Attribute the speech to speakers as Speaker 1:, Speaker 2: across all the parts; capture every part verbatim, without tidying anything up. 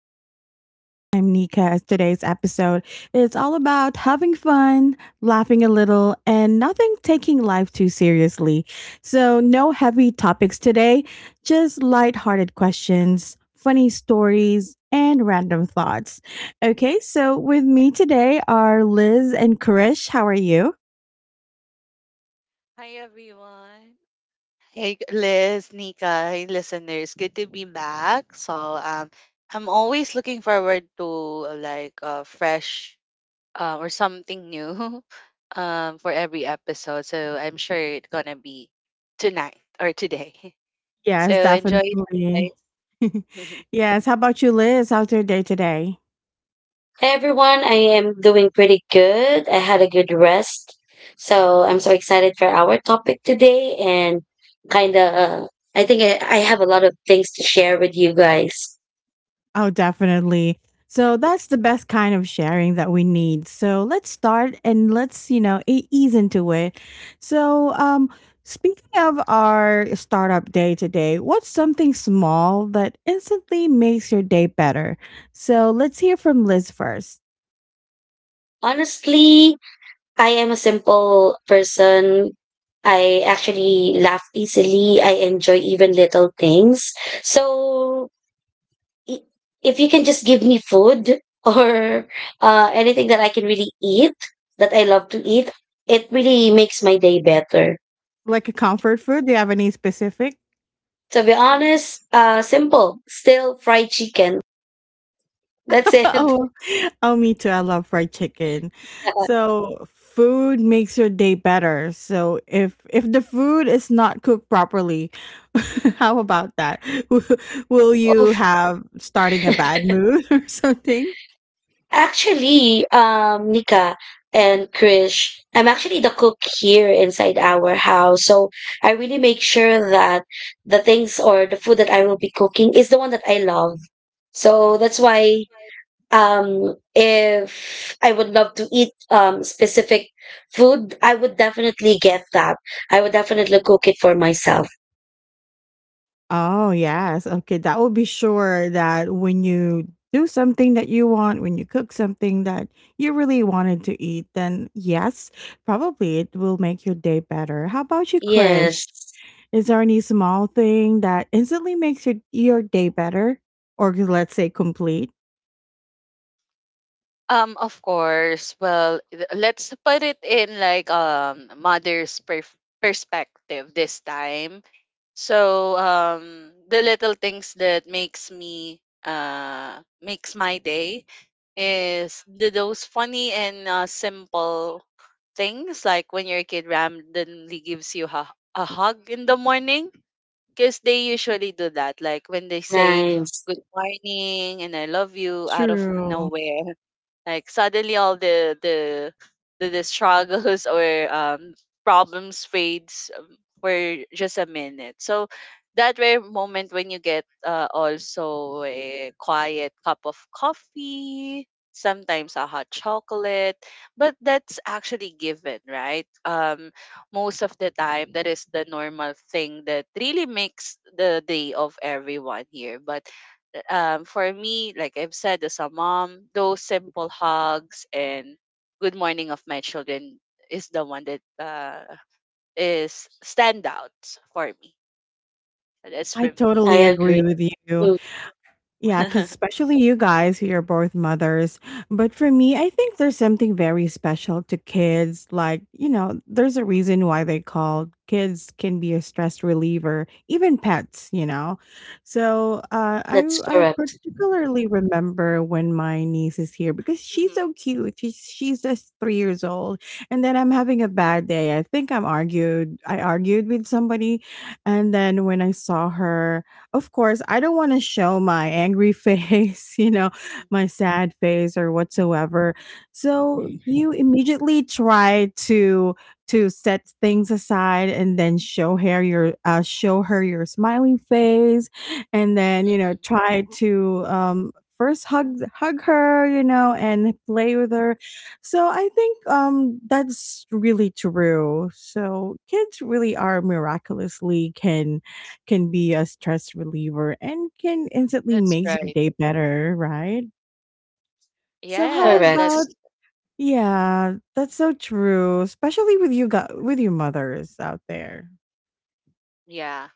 Speaker 1: to the podcast. I'm Nika. As today's episode is all about having fun, laughing a little, and nothing taking life too seriously. So, no heavy topics today, just lighthearted questions, funny stories, and random thoughts. Okay, so with me today are Liz and Krish. How are you?
Speaker 2: Hi everyone. Hey, Liz, Nika, hey, listeners, good to be back. So, um, I'm always looking forward to uh, like uh, fresh uh, or something new um, for every episode. So, I'm sure it's gonna be tonight or today. So,
Speaker 1: Yes,
Speaker 2: enjoy it,
Speaker 1: definitely.
Speaker 2: guys.
Speaker 1: Yes, how about you, Liz? How's your day today?
Speaker 3: Hey everyone, I am doing pretty good. I had a good rest. So I'm so excited for our topic today and kind of, I think I, I have a lot of things to share with you guys.
Speaker 1: Oh, definitely. So that's the best kind of sharing that we need. So let's start and let's, you know, e- ease into it. So, um, Speaking of our startup day today, what's something small that instantly makes your day better? So let's hear from Liz first.
Speaker 3: Honestly, I am a simple person. I actually laugh easily. I enjoy even little things. So i- if you can just give me food or uh, anything that I can really eat, that I love to eat, it really makes my day better.
Speaker 1: Like a comfort food, do you have any specific?
Speaker 3: To be honest, uh, simple, still fried chicken. That's it.
Speaker 1: Oh, oh, me too. I love fried chicken. So food makes your day better. So if if the food is not cooked properly, how about that? Will will
Speaker 3: Oh,
Speaker 1: you have starting a bad mood or something?
Speaker 3: actually, um, Nika and Krish, I'm actually the cook here inside our house. So I really make sure that the things or the food that I will be cooking is the one that I love. So that's why um if I would love to eat um specific food, I would definitely get that. I would definitely cook it for myself.
Speaker 1: Oh, yes. Okay, that will be sure that when you do something that you want, when you cook something that you really wanted to eat, then yes, probably it will make your day better. How about you, Chris?
Speaker 3: Yes.
Speaker 1: Is there any small thing that instantly makes your your day better or let's say complete?
Speaker 2: Um, of course. Well, th- let's put it in like um mother's perf- perspective this time. So um the little things that makes me uh makes my day is the, those funny and uh, simple things like when your kid randomly gives you a, a hug in the morning, because they usually do that, like when they say
Speaker 3: Nice.
Speaker 2: good morning and I love you out of
Speaker 1: True.
Speaker 2: nowhere. Like suddenly all the the the, the struggles or um problems fades um, for just a minute. So that rare moment when you get uh, also a quiet cup of coffee, sometimes a hot chocolate, but that's actually given, right? Um, most of the time that is the normal thing that really makes the day of everyone here. But um, for me, like I've said, as a mom, those simple hugs and good morning of my children is the one that uh, is standouts for me. That's
Speaker 1: I
Speaker 2: for me,
Speaker 3: I
Speaker 1: totally
Speaker 2: Nika.
Speaker 1: agree
Speaker 3: agree.
Speaker 1: with you.
Speaker 3: Mm,
Speaker 1: Yeah, because especially you guys who are both mothers. But for me, I think there's something very special to kids. Like, you know, there's a reason why they called kids can be a stress reliever, even pets, you know. So uh, I,
Speaker 3: that's
Speaker 1: I
Speaker 3: correct.
Speaker 1: particularly remember when my niece is here because she's
Speaker 2: Mhm.
Speaker 1: so cute. She's, she's just three years old. And then I'm having a bad day. I think I'm argued. I argued with somebody. And then when I saw her, of course, I don't want to show my angry face, you know, my sad face or whatsoever. So you immediately try to to set things aside and then show her your uh, show her your smiling face, and then you know
Speaker 2: Mhm.
Speaker 1: try to um, first hug hug her, you know, and play with her. So I think um, that's really true. So kids really are miraculously can can be a stress reliever and can instantly
Speaker 2: That's
Speaker 1: makes your
Speaker 2: right.
Speaker 1: day better, right? So how
Speaker 2: Yes,
Speaker 3: Correct.
Speaker 1: about
Speaker 2: that's
Speaker 1: yeah, that's so true, especially with you got with you mothers out there.
Speaker 2: yeah.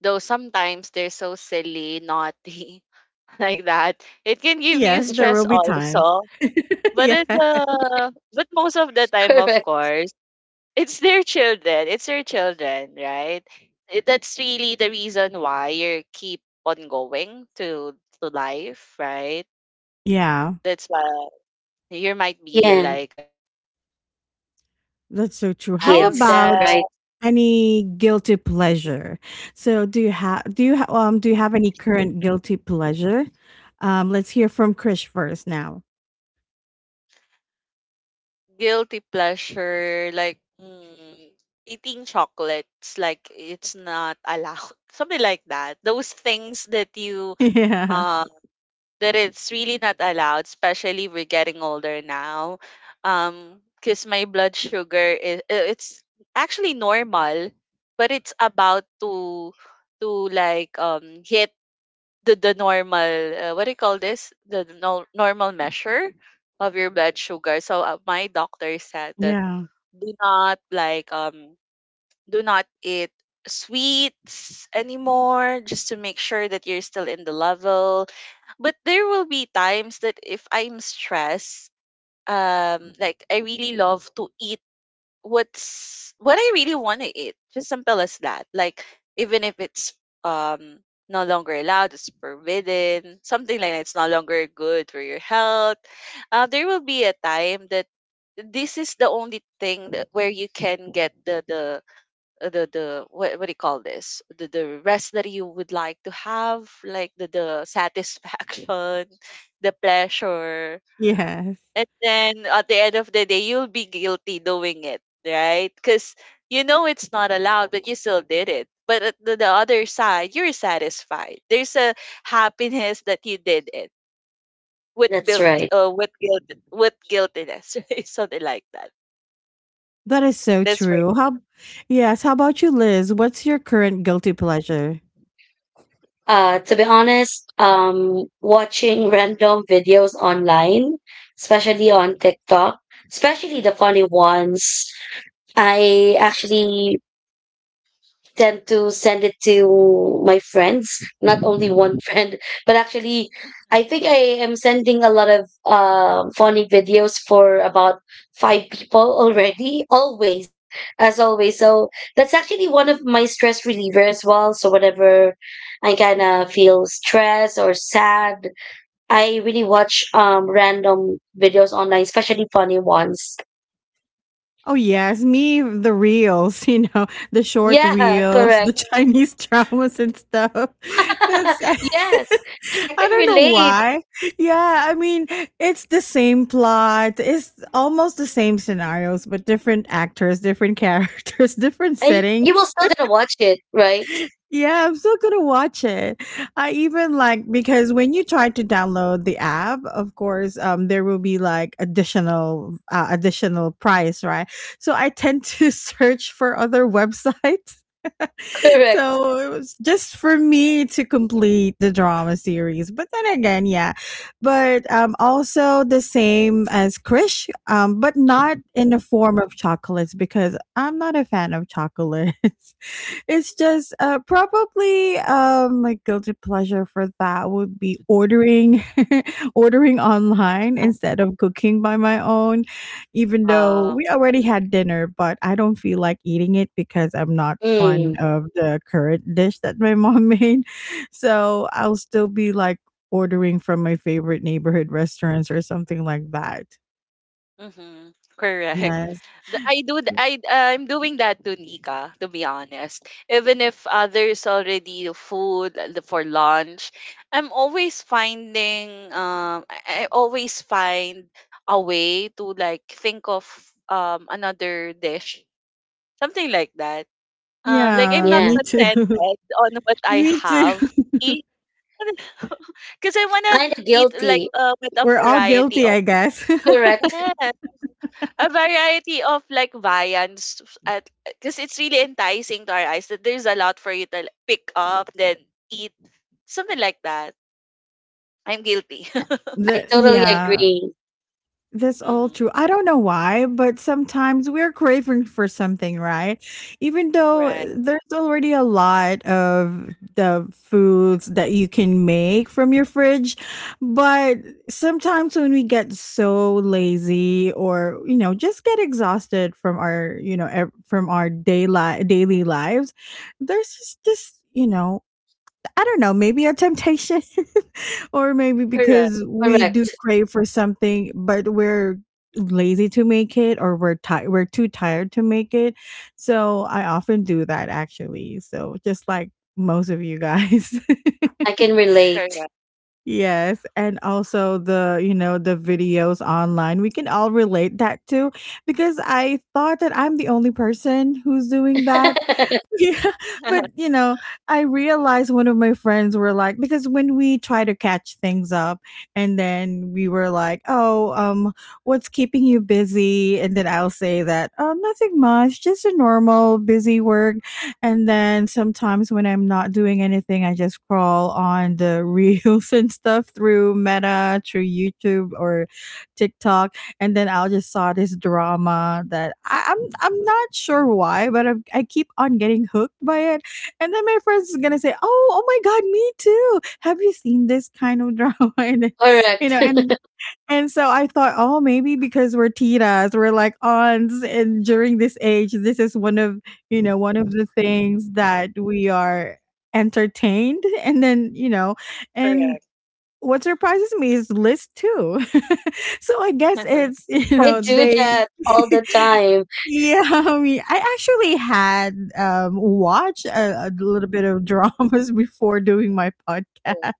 Speaker 2: Though sometimes they're so silly, naughty, like that. It can give you
Speaker 1: Yes, there
Speaker 2: stress
Speaker 1: will be times.
Speaker 2: also. But it,
Speaker 1: Yeah,
Speaker 2: uh, but most of the time, of
Speaker 3: Correct.
Speaker 2: course, it's their children. It's their children, right? It- That's really the reason why you keep on going to to life, right?
Speaker 1: yeah,
Speaker 2: That's why you might be
Speaker 3: Yeah.
Speaker 2: like eh, like um
Speaker 3: Correct. And
Speaker 1: that's
Speaker 2: you
Speaker 3: kids
Speaker 1: so
Speaker 2: know
Speaker 3: will be
Speaker 1: true.
Speaker 2: tired
Speaker 1: How
Speaker 2: of
Speaker 3: kids,
Speaker 2: that
Speaker 1: about
Speaker 3: right?
Speaker 1: any guilty pleasure? So do you have do you ha- um do you have any current guilty pleasure? Um let's hear from Krish first now.
Speaker 2: guilty pleasure, like mm, eating chocolates, like it's not allowed, something like that. Those things that you
Speaker 1: Yeah.
Speaker 2: uh, that it's really not allowed, especially we're getting older now. Um, because my blood sugar is uh, it's actually normal, but it's about to to like um hit the the normal uh, what do you call this, the the nor- normal measure of your blood sugar. So uh, my doctor said that
Speaker 1: Yeah.
Speaker 2: do not like um do not eat sweets anymore, just to make sure that you're still in the level. But there will be times that if I'm stressed, um like I really love to eat what's what I really want to eat. Just simple as that. Like, even if it's um no longer allowed, it's forbidden, something like that, it's no longer good for your health. Uh, there will be a time that this is the only thing that where you can get the the uh, the the what what do you call this, the the rest that you would like to have, like the the satisfaction, the pleasure.
Speaker 1: Yes.
Speaker 2: And then at the end of the day you'll be guilty doing it, right? Because you know it's not allowed, but you still did it. But at the, the other side you're satisfied. There's a happiness that you did it with
Speaker 3: That's
Speaker 2: built
Speaker 3: right.
Speaker 2: uh, with guilt, with guiltiness. Right? Something like that.
Speaker 1: That is so
Speaker 2: That's for
Speaker 1: true.
Speaker 2: me.
Speaker 1: How, yes. How about you, Liz? What's your current guilty pleasure?
Speaker 3: Uh to be honest, um watching random videos online, especially on TikTok, especially the funny ones. I actually tend to send it to my friends, not only one friend, but actually, I think I am sending a lot of um, funny videos for about five people already, always, as always. So that's actually one of my stress reliever as well. So whenever I kind of feel stressed or sad, I really watch um, random videos online, especially funny ones.
Speaker 1: Oh yes, me the reels. You know the short
Speaker 3: Yeah,
Speaker 1: reels, the
Speaker 3: correct.
Speaker 1: Chinese dramas and stuff. That's
Speaker 3: Yes, I
Speaker 1: I
Speaker 3: can
Speaker 1: don't know
Speaker 3: relate.
Speaker 1: why. Yeah, I mean it's the same plot. It's almost the same scenarios, but different actors, different characters, different
Speaker 3: And y- you will
Speaker 1: settings.
Speaker 3: still gonna watch it, right?
Speaker 1: Yeah, I'm still gonna watch it. I even like because when you try to download the app, of course, um, there will be like additional, uh, additional price, right? So I tend to search for other websites.
Speaker 3: Correct.
Speaker 1: So it was just for me to complete the drama series. But then again, yeah, but um, also the same as Krish, um, but not in the form of chocolates because I'm not a fan of chocolates. It's just uh, probably um, my guilty pleasure for that would be ordering, ordering online instead of cooking by my own. Even though
Speaker 2: uh
Speaker 1: we already had dinner, but I don't feel like eating it because I'm not fond
Speaker 3: Mm,
Speaker 1: of the current dish that my mom made. So I'll still be like ordering from my favorite neighborhood restaurants or something like that.
Speaker 2: Mhm. Correct.
Speaker 1: Yes.
Speaker 2: The- I do th- I, I'm doing that to Nika, to be honest. Even if uh, there's already food uh, the- for lunch, I'm always finding um I I always find a way to like think of um another dish, something like that. Um like I'm
Speaker 1: Yeah,
Speaker 2: not
Speaker 3: yeah.
Speaker 1: me
Speaker 2: contented
Speaker 1: too.
Speaker 2: on what I
Speaker 1: Me too.
Speaker 2: have. Because I wanna
Speaker 3: Kind of
Speaker 2: eat like
Speaker 3: guilty.
Speaker 2: uh, with a
Speaker 1: We're all
Speaker 2: variety
Speaker 1: guilty,
Speaker 2: of
Speaker 1: I guess.
Speaker 3: Correct.
Speaker 2: yes a variety of like viands at, because it's really enticing to our eyes that there's a lot for you to like, pick up then eat something like that. I'm guilty.
Speaker 3: I
Speaker 1: The
Speaker 3: totally
Speaker 1: yeah,
Speaker 3: agree.
Speaker 1: that's all
Speaker 2: Hmm.
Speaker 1: true. I don't know why, but sometimes we're craving for something, right? Even though eh,
Speaker 2: Right.
Speaker 1: there's already a lot of the foods that you can make from your fridge, but sometimes when we get so lazy or, you know, just get exhausted from our, you know, ev- from our daily daily lives, there's just this, you know, I don't know, maybe a temptation or maybe
Speaker 2: Correct.
Speaker 1: because we do
Speaker 3: Correct.
Speaker 1: crave for something, but we're lazy to make it or we're tired we're too tired to make it. So I often do that actually. So just like most of you guys.
Speaker 3: I can relate.
Speaker 2: Correct.
Speaker 1: Yes, and also the, you know, the videos online. We can all relate that too because I thought that I'm the only person who's doing that
Speaker 3: Correct.
Speaker 1: yeah but you know I realized one of my friends were like because when we try to catch things up and then we were like oh um what's keeping you busy, and then I'll say that oh, nothing much, just a normal busy work. And then sometimes when I'm not doing anything, I just crawl on the reels and stuff through meta, through YouTube or TikTok. And then I just saw this drama that I, I'm I'm not sure why, but i I keep on getting hooked by it. And then my friends is gonna say, "Oh, oh my God, me too. Have you seen this kind of drama?" And you know, and and so I thought, oh, maybe because we're titas, we're like aunts, and during this age, this is one of you know one of the things that we are entertained, and then you know and
Speaker 2: Correct.
Speaker 1: what surprises me is list two. So I guess it's you
Speaker 3: I
Speaker 1: know
Speaker 3: do
Speaker 1: they.
Speaker 3: that all the time.
Speaker 1: Yeah, I mean, I actually had um watched a, a little bit of dramas before doing my podcast. I
Speaker 2: Correct.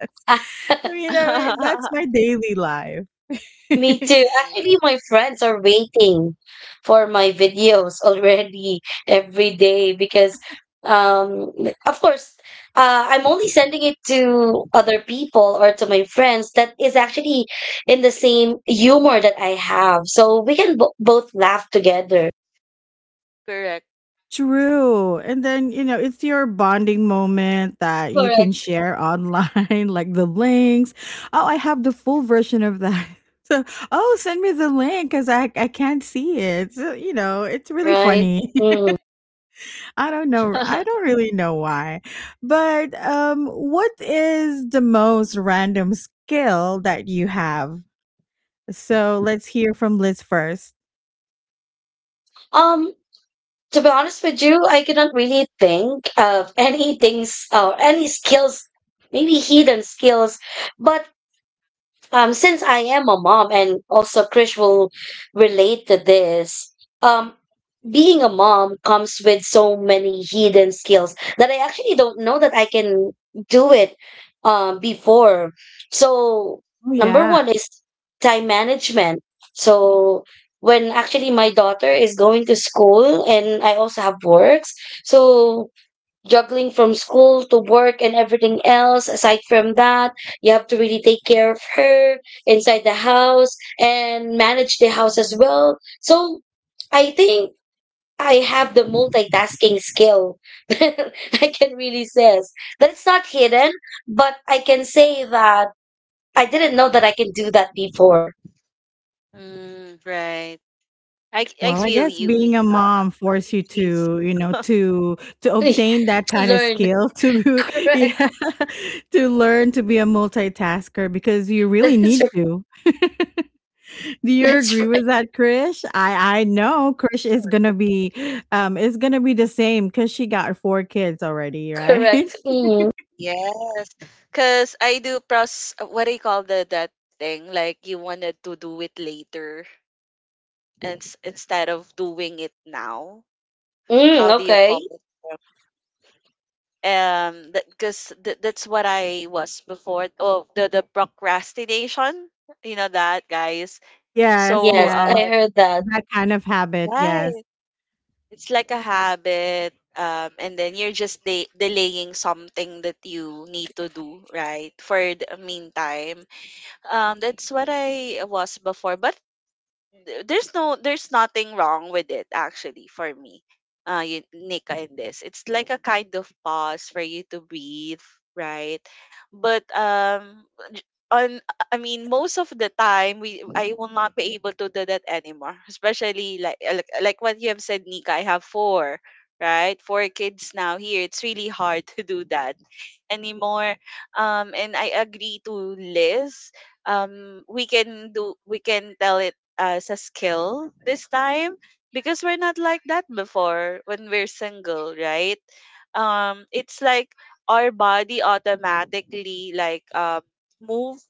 Speaker 1: mean, I mean that's my daily life.
Speaker 3: Me too.
Speaker 2: Mm,
Speaker 3: Actually, my friends are waiting for my videos already every day because, um, of course, uh, I'm only sending it to other people or to my friends that is actually in the same humor that I have. So we can bo both laugh together.
Speaker 2: correct.
Speaker 1: True. And then, you know, it's your bonding moment that you can
Speaker 3: Correct.
Speaker 1: share online, like the links. Oh, I have the full version of that. So, oh, send me the link because I, I can't see it. So, you know, it's really
Speaker 3: Right?
Speaker 1: funny.
Speaker 3: Mm.
Speaker 1: I don't know. I don't really know why. But um, what is the most random skill that you have? So let's hear from Liz first.
Speaker 3: Um, to be honest with you, I cannot really think of any things or any skills, maybe hidden skills, but um since I am a mom, and also Krish will relate to this, um being a mom comes with so many hidden skills that I actually don't know that I can do it um before. So
Speaker 1: Oh,
Speaker 3: number
Speaker 1: yeah.
Speaker 3: one is time management. So when actually my daughter is going to school and I also have works, so juggling from school to work and everything else. Aside from that, you have to really take care of her inside the house and manage the house as well. So I think I have the multitasking skill. I can really say that's not hidden, but I can say that I didn't know that I can do that before.
Speaker 2: Mm, right. I, c- I
Speaker 1: Well, I
Speaker 2: feel
Speaker 1: guess
Speaker 2: you,
Speaker 1: being a
Speaker 2: Nika.
Speaker 1: mom
Speaker 2: I
Speaker 1: force
Speaker 2: mean
Speaker 1: you
Speaker 2: these
Speaker 1: to, you know, to to obtain that
Speaker 3: You have
Speaker 1: kind
Speaker 3: to
Speaker 1: of
Speaker 3: learn,
Speaker 1: skill to be-
Speaker 3: correct?
Speaker 1: yeah, to learn to be a multitasker because you
Speaker 3: That
Speaker 1: really
Speaker 3: is
Speaker 1: need
Speaker 3: r-
Speaker 1: to. Do you
Speaker 3: that's
Speaker 1: agree
Speaker 3: right,
Speaker 1: with that, Krish? I I know Krish is
Speaker 2: Before.
Speaker 1: gonna be um is gonna be the same because she got four kids already, right?
Speaker 3: correct. Mm.
Speaker 2: Yes, because I do pros, what do you call the that thing? Like you wanted to do it later, and s- instead of doing it now.
Speaker 3: Mm,
Speaker 2: How do you
Speaker 3: okay.
Speaker 2: call it? Um because th- that's what I was before. Oh, the the procrastination, you know that, guys?
Speaker 1: Yes,
Speaker 2: So
Speaker 3: Yes,
Speaker 1: yes.
Speaker 3: I
Speaker 2: uh
Speaker 3: heard that.
Speaker 1: That kind of habit,
Speaker 2: right,
Speaker 1: yes.
Speaker 2: it's like a habit. Um and then you're just de- delaying something that you need to do, right, for the meantime. Um that's what I was before, but th- there's no, there's nothing wrong with it actually, for me. Uh you, Nika, in this, it's like a kind of pause for you to breathe, right? But um j- on I mean most of the time we I will not be able to do that anymore, especially like uh, like, like what you have said, Nika. I have four, right? Four kids now here. It's really hard to do that anymore. Um and I agree to Liz. Um we can do, we can tell it as a skill this time, because we're not like that before, when we're single, right? Um, it's like our body automatically like um move,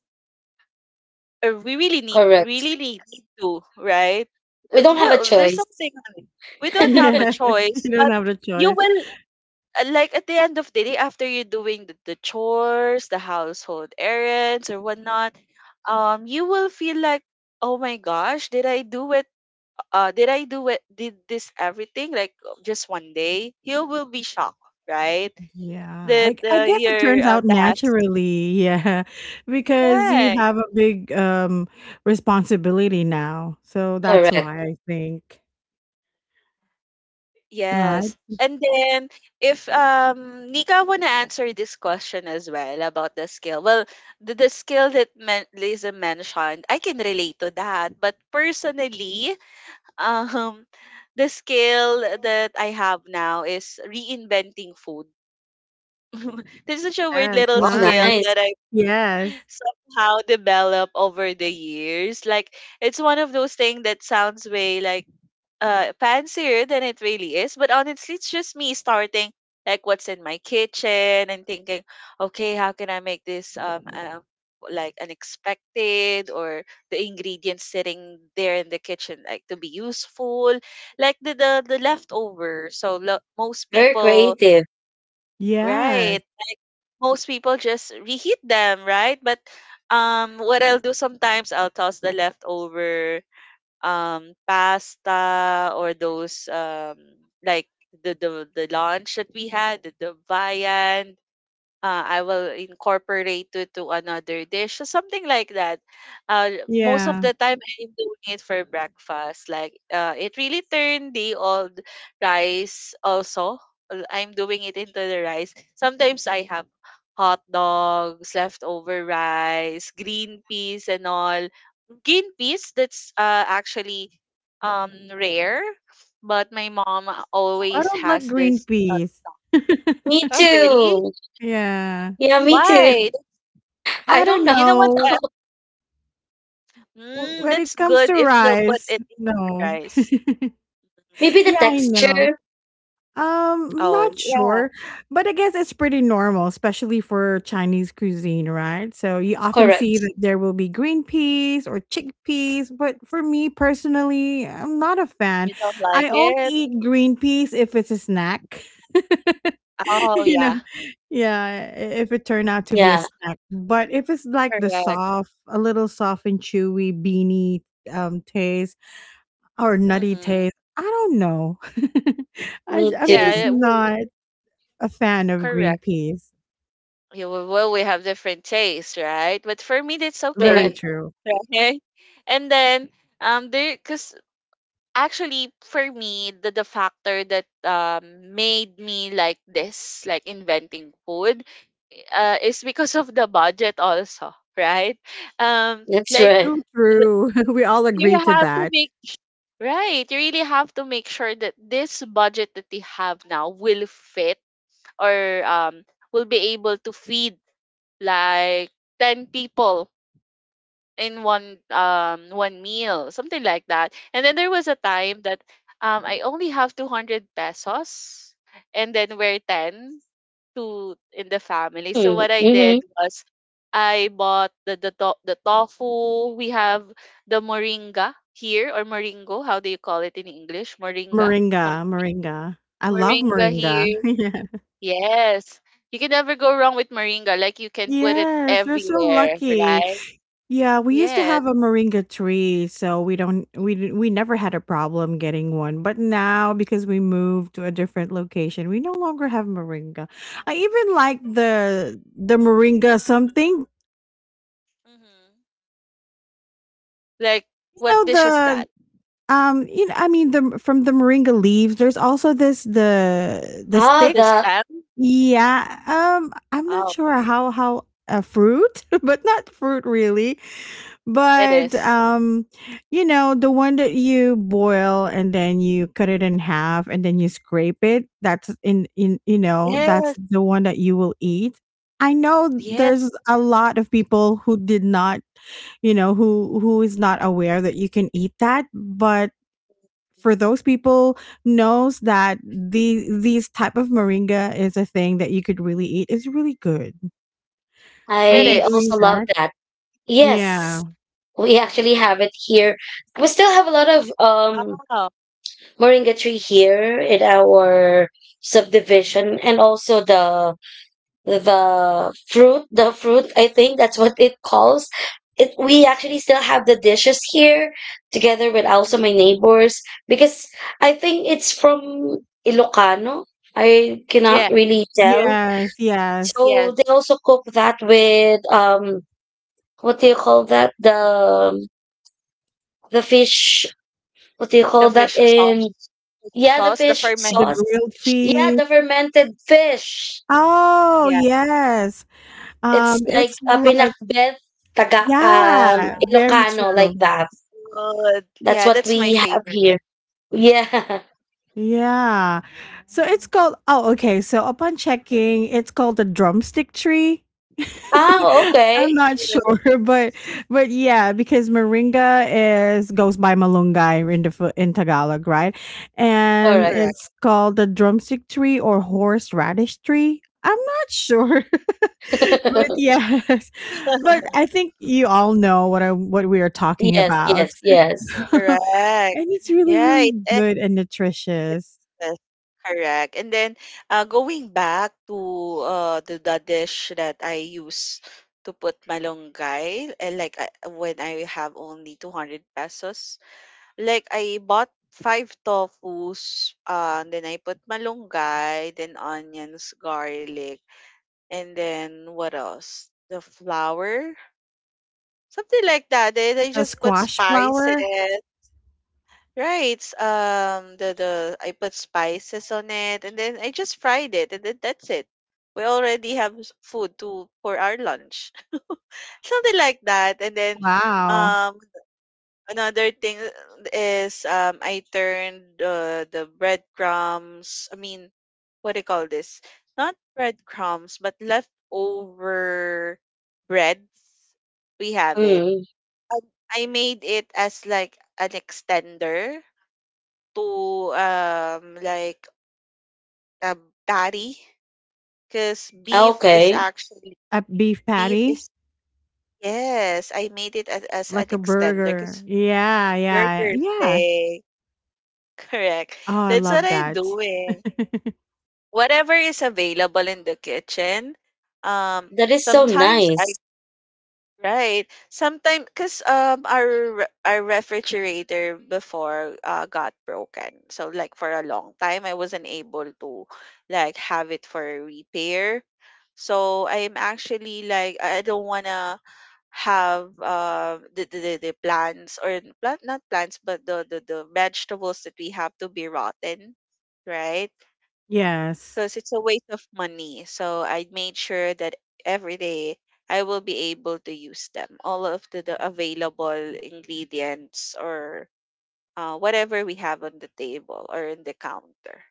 Speaker 2: or we really need
Speaker 3: Correct.
Speaker 2: really need to, right?
Speaker 3: We
Speaker 2: Uh,
Speaker 3: don't have a
Speaker 2: well, there's
Speaker 3: choice.
Speaker 2: something on it. We don't have a
Speaker 1: Yes.
Speaker 2: choice.
Speaker 1: You don't
Speaker 2: But
Speaker 1: have the
Speaker 2: you
Speaker 1: choice.
Speaker 2: will uh, like at the end of the day after you're doing the, the chores, the household errands or whatnot, um, you will feel like, oh my gosh, did I do it? Uh, did I do it? Did this everything like uh, just one day? You will be shocked, right?
Speaker 1: Yeah, I
Speaker 2: That
Speaker 1: I
Speaker 2: uh,
Speaker 1: guess it
Speaker 2: your
Speaker 1: turns
Speaker 2: uh,
Speaker 1: out
Speaker 2: task.
Speaker 1: naturally, yeah, because you
Speaker 2: Correct.
Speaker 1: have a big, um, responsibility now, so that's
Speaker 3: Correct.
Speaker 1: why I think, right?
Speaker 2: Yes. And then if um Nika wanna answer this question as well about the skill. Well, the, the skill that men- Lisa mentioned, I can relate to that. But personally, um, the skill that I have now is reinventing food. There's such a weird
Speaker 1: Yes,
Speaker 2: little
Speaker 3: Oh,
Speaker 2: skill
Speaker 1: nice,
Speaker 3: nice.
Speaker 2: that
Speaker 1: yes,
Speaker 2: somehow develop over the years. Like, it's one of those things that sounds way like uh fancier than it really is. But honestly, it's just me starting like what's in my kitchen and thinking, okay, how can I make this um uh, like unexpected, or the ingredients sitting there in the kitchen like to be useful, like the the, the leftover. So lo- most
Speaker 3: Very
Speaker 2: people,
Speaker 3: creative.
Speaker 1: yes,
Speaker 2: right, most people just reheat them, right? But um, what I'll do sometimes, I'll toss the leftover um pasta, or those um like the the, the lunch that we had, the, the viand. uh, I will incorporate it to another dish, so something like that. Uh, most of
Speaker 1: yeah.
Speaker 2: the time, I'm doing it for breakfast. Like, uh, it really turned the old rice also. uh, I'm doing it into the rice. Sometimes I have hot dogs, leftover rice, green peas, and all. Green peas, that's uh, actually um rare, but my mom
Speaker 1: I
Speaker 2: always
Speaker 1: don't like
Speaker 2: has
Speaker 1: green
Speaker 2: this. Uh,
Speaker 1: peas.
Speaker 3: Me
Speaker 2: oh, really?
Speaker 3: too.
Speaker 1: Yeah,
Speaker 3: Yeah, me too.
Speaker 2: Why?
Speaker 3: I
Speaker 1: I
Speaker 3: don't
Speaker 1: don't
Speaker 3: know.
Speaker 2: You know what?
Speaker 1: know, w
Speaker 2: Mm,
Speaker 1: when
Speaker 2: that's
Speaker 1: it comes
Speaker 2: good
Speaker 1: to
Speaker 2: if you'll put
Speaker 1: rice,
Speaker 2: it in your
Speaker 1: no.
Speaker 2: rice.
Speaker 3: Maybe the
Speaker 1: Yeah,
Speaker 2: Mhm.
Speaker 1: I know.
Speaker 3: texture.
Speaker 1: Um,
Speaker 2: Oh,
Speaker 1: not
Speaker 2: yeah.
Speaker 1: sure, but I guess it's pretty normal, especially for Chinese cuisine, right? So you often see
Speaker 3: Correct.
Speaker 1: that there will be green peas or chickpeas, but for me personally, I'm not a fan.
Speaker 2: You don't like
Speaker 1: I only
Speaker 2: it?
Speaker 1: eat green peas if it's a snack.
Speaker 2: Oh,
Speaker 1: You know,
Speaker 2: yeah.
Speaker 1: yeah, i- if it turned out to be a
Speaker 3: Yeah,
Speaker 1: snack. But if it's like the
Speaker 2: Correct.
Speaker 1: soft, a little soft and chewy beanie um taste, or nutty
Speaker 2: Mm-hmm.
Speaker 1: taste. I don't know.
Speaker 3: me
Speaker 1: i j I'm
Speaker 3: too.
Speaker 1: just
Speaker 2: Yeah, we
Speaker 1: not a fan of green
Speaker 2: correct.
Speaker 1: peas.
Speaker 2: Yeah, we- well, we have different tastes, right? But for me, that's
Speaker 1: Very
Speaker 2: okay.
Speaker 3: Correct.
Speaker 1: true.
Speaker 2: Right? And then, um, there, because actually, for me, the, the factor that um made me like this, like inventing food, uh, is because of the budget also, right? Um,
Speaker 3: That's
Speaker 2: like
Speaker 3: right.
Speaker 1: True,
Speaker 2: th-
Speaker 1: true. We all
Speaker 2: you
Speaker 1: agree to
Speaker 2: have to
Speaker 1: that.
Speaker 2: make right. You really have to make sure that this budget that they have now will fit, or um will be able to feed like ten people in one um one meal, something like that. And then there was a time that um I only have two hundred pesos, and then we're ten to in the family. So
Speaker 3: Mm,
Speaker 2: what I
Speaker 3: mm-hmm.
Speaker 2: did was I bought the the, to- the tofu. We have the moringa here, or moringo, how do you call it in English? Moringa. Um,
Speaker 1: Moringa, moringa. I love
Speaker 2: Moringa
Speaker 1: moringa.
Speaker 2: here.
Speaker 1: Yeah.
Speaker 2: Yes. You can never go wrong with moringa. Like, you can put it
Speaker 1: Yes, you're so
Speaker 2: everywhere,
Speaker 1: lucky.
Speaker 2: right?
Speaker 1: Yeah, we used to
Speaker 2: Yes.
Speaker 1: have a moringa tree, so we don't we d we never had a problem getting one, but now because we moved to a different location, we no longer have moringa. I even like the the moringa something
Speaker 2: Mm-hmm. Like, what
Speaker 1: know
Speaker 2: dish is
Speaker 1: the
Speaker 2: that?
Speaker 1: um you know I mean the from the moringa leaves there's also this the the
Speaker 3: Ah,
Speaker 1: stick.
Speaker 2: The
Speaker 3: the
Speaker 2: stamp?
Speaker 1: Yeah, um I'm not
Speaker 2: Oh,
Speaker 1: sure how how a fruit, but not fruit really.
Speaker 2: it
Speaker 1: But
Speaker 2: is.
Speaker 1: um, you know, the one that you boil and then you cut it in half and then you scrape it, that's in in you know, that's
Speaker 2: Yes,
Speaker 1: the one that you will eat. I know
Speaker 2: yes,
Speaker 1: there's a lot of people who did not, you know, who who is not aware that you can eat that, but for those people knows that the these type of moringa is a thing that you could really eat. It's really good. Are
Speaker 2: it
Speaker 1: you
Speaker 3: I
Speaker 1: doing
Speaker 3: also
Speaker 2: is.
Speaker 3: love
Speaker 1: that?
Speaker 3: that.
Speaker 1: Yeah.
Speaker 3: Yes, we actually have it here. We still have a lot of um
Speaker 2: Wow.
Speaker 3: moringa tree here in our subdivision, and also the the fruit the fruit, I think that's what it calls it. We actually still have the dishes here together with also
Speaker 2: Mm.
Speaker 3: my neighbors because I think it's from Ilocano, I cannot
Speaker 2: Yeah,
Speaker 3: really tell.
Speaker 1: Yes, yes.
Speaker 3: So
Speaker 2: yes.
Speaker 3: they also cook that with um what do you call that, the the fish, what do you
Speaker 2: The
Speaker 3: call that
Speaker 2: fish sauce.
Speaker 3: in,
Speaker 2: Fish
Speaker 3: yeah, the
Speaker 2: sauce, the
Speaker 3: fish
Speaker 2: fermented
Speaker 1: The
Speaker 3: sauce,
Speaker 1: grilled
Speaker 2: fish.
Speaker 3: yeah,
Speaker 1: feet.
Speaker 3: the fermented fish.
Speaker 1: Oh,
Speaker 2: Yeah,
Speaker 1: yes.
Speaker 3: It's
Speaker 1: Um,
Speaker 3: like
Speaker 1: it's
Speaker 3: a
Speaker 1: like
Speaker 3: pinakbet taga um,
Speaker 1: yeah,
Speaker 2: yeah.
Speaker 1: very
Speaker 3: Ilocano like
Speaker 1: true.
Speaker 3: that.
Speaker 2: Good.
Speaker 3: That's
Speaker 2: Yeah,
Speaker 3: what
Speaker 2: that's my
Speaker 3: we have here.
Speaker 2: favorite.
Speaker 3: Yeah.
Speaker 1: Yeah. So it's called oh, okay. So upon checking, it's called the drumstick tree.
Speaker 3: Ah, okay.
Speaker 1: I'm not sure,
Speaker 2: Correct.
Speaker 1: but but yeah, because moringa is goes by malunggay in the Fi- in Tagalog, right? And
Speaker 3: Correct.
Speaker 2: Correct.
Speaker 1: it's called the drumstick tree or horseradish tree. I'm not sure, but yes, but I think you all know what I what we are talking
Speaker 3: Yes,
Speaker 1: about.
Speaker 3: yes, yes.
Speaker 1: And
Speaker 2: Correct.
Speaker 1: it's really
Speaker 2: Yeah,
Speaker 1: really
Speaker 2: it
Speaker 1: good and nutritious.
Speaker 2: Yes, correct. And then uh, going back to uh, the, the dish that I use to put malunggay, uh, like I, when I have only two hundred pesos, like I bought five tofus, uh, and then I put malunggay, then onions, garlic, and then what else? The flour, something like that. Then I
Speaker 1: A
Speaker 2: just put
Speaker 1: squash
Speaker 2: spices.
Speaker 1: flour?
Speaker 2: Right. s- Um, the the I put spices on it, and then I just fried it, and then that's it. We already have s- food to for our lunch, something like that. And then,
Speaker 1: Wow.
Speaker 2: um, another thing uh, is um, I turned uh, the breadcrumbs. I mean, what do you call this? Not breadcrumbs, but leftover breads. We have it.
Speaker 3: Mm,
Speaker 2: Um, I made it as like an extender to, um, like, a patty, because beef is
Speaker 3: okay.
Speaker 2: actually
Speaker 1: A beef
Speaker 2: beef
Speaker 1: patty?
Speaker 2: is yes. I made it as, as an
Speaker 1: Like a
Speaker 2: extender
Speaker 1: burger.
Speaker 2: because
Speaker 1: Yeah, yeah,
Speaker 2: burgers
Speaker 1: yeah.
Speaker 2: day. Correct.
Speaker 1: Oh, I
Speaker 2: That's what
Speaker 1: love
Speaker 2: I'm
Speaker 1: that.
Speaker 2: doing. Whatever is available in the kitchen. Um,
Speaker 3: That is so
Speaker 2: sometimes I
Speaker 3: nice.
Speaker 2: Right. Sometimes, because um, our re- our refrigerator before uh, got broken. So like for a long time, I wasn't able to like have it for repair. So I'm actually like I I don't wanna have uh, the, the the the plants or plant not plants but the, the the vegetables that we have to be rotten, right?
Speaker 1: Yes.
Speaker 2: Because it's a waste of money. So I made sure that every day I will be able to use them, all of the, the available ingredients or uh, whatever we have on the table or in the counter.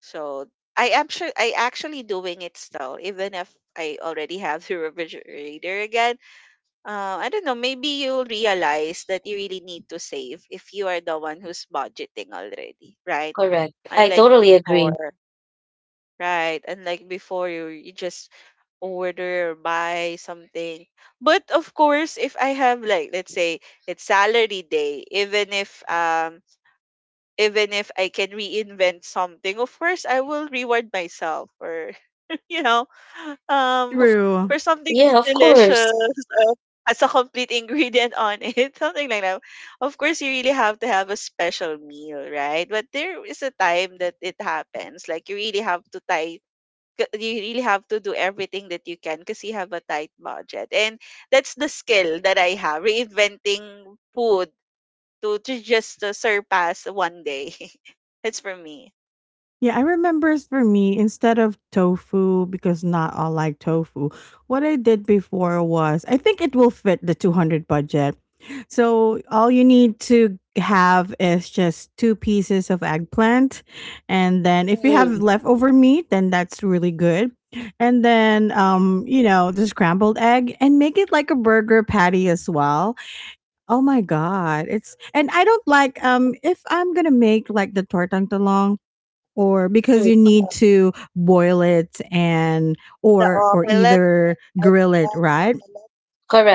Speaker 2: So I am sure I actually doing it still, even if I already have the refrigerator again. Uh, I don't know. Maybe you'll realize that you really need to save if you are the one who's budgeting already, right?
Speaker 3: Correct. I
Speaker 2: Unlike
Speaker 3: totally agree.
Speaker 2: before. Right. And like before, you, you just order or buy something. But of course, if I have like let's say it's salary day, even if um even if I can reinvent something, of course I will reward myself or you know, um
Speaker 3: Of,
Speaker 1: True.
Speaker 2: for something
Speaker 3: yeah, of course.
Speaker 2: delicious uh, as a complete ingredient on it, something like that. Of course, you really have to have a special meal, right? But there is a time that it happens. Like you really have to tie c- you really have to do everything that you can because you have a tight budget, and that's the skill that I have reinventing food to, to just uh, surpass one day. That's for me.
Speaker 1: Yeah, I remember for me, instead of tofu, because not all like tofu, what I did before was I think it will fit the two hundred budget. So all you
Speaker 2: Mm-hmm.
Speaker 1: need to have is just two pieces of eggplant. And then if you
Speaker 2: Mm.
Speaker 1: have
Speaker 3: Mm,
Speaker 1: leftover meat, then that's really good. And then, um, you know, the scrambled egg and make it like a burger patty as well. Oh my God. It's, and I don't like, um, if I'm going to make like the tortang or because
Speaker 3: mm,
Speaker 1: you need
Speaker 2: Oh,
Speaker 1: to boil it and
Speaker 2: the
Speaker 1: or or
Speaker 2: omelette,
Speaker 1: either
Speaker 2: egg
Speaker 1: grill it,
Speaker 2: white
Speaker 1: right?
Speaker 2: omelette.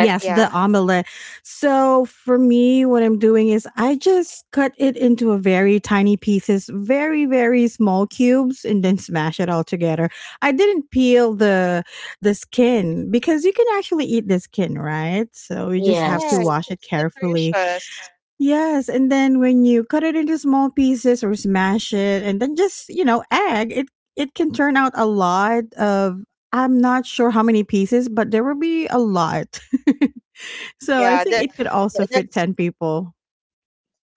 Speaker 1: Yes, the
Speaker 2: Yeah.
Speaker 1: omelette. So for me, what I'm doing is I just cut it into a very tiny pieces, very very small cubes, and then smash it all together. I didn't peel the the skin, because you can actually eat the skin, right? So you just have to
Speaker 2: Right,
Speaker 3: Yes,
Speaker 1: wash it
Speaker 2: it's
Speaker 1: carefully.
Speaker 2: nutritious.
Speaker 1: Yes, and then when you cut it into small pieces or smash it and then just, you know, egg, it it can turn out a lot of I'm not sure how many pieces, but there will be a lot. So I
Speaker 2: Yeah,
Speaker 1: think
Speaker 2: that,
Speaker 1: it could also
Speaker 2: that
Speaker 1: fit
Speaker 2: that's
Speaker 1: ten people.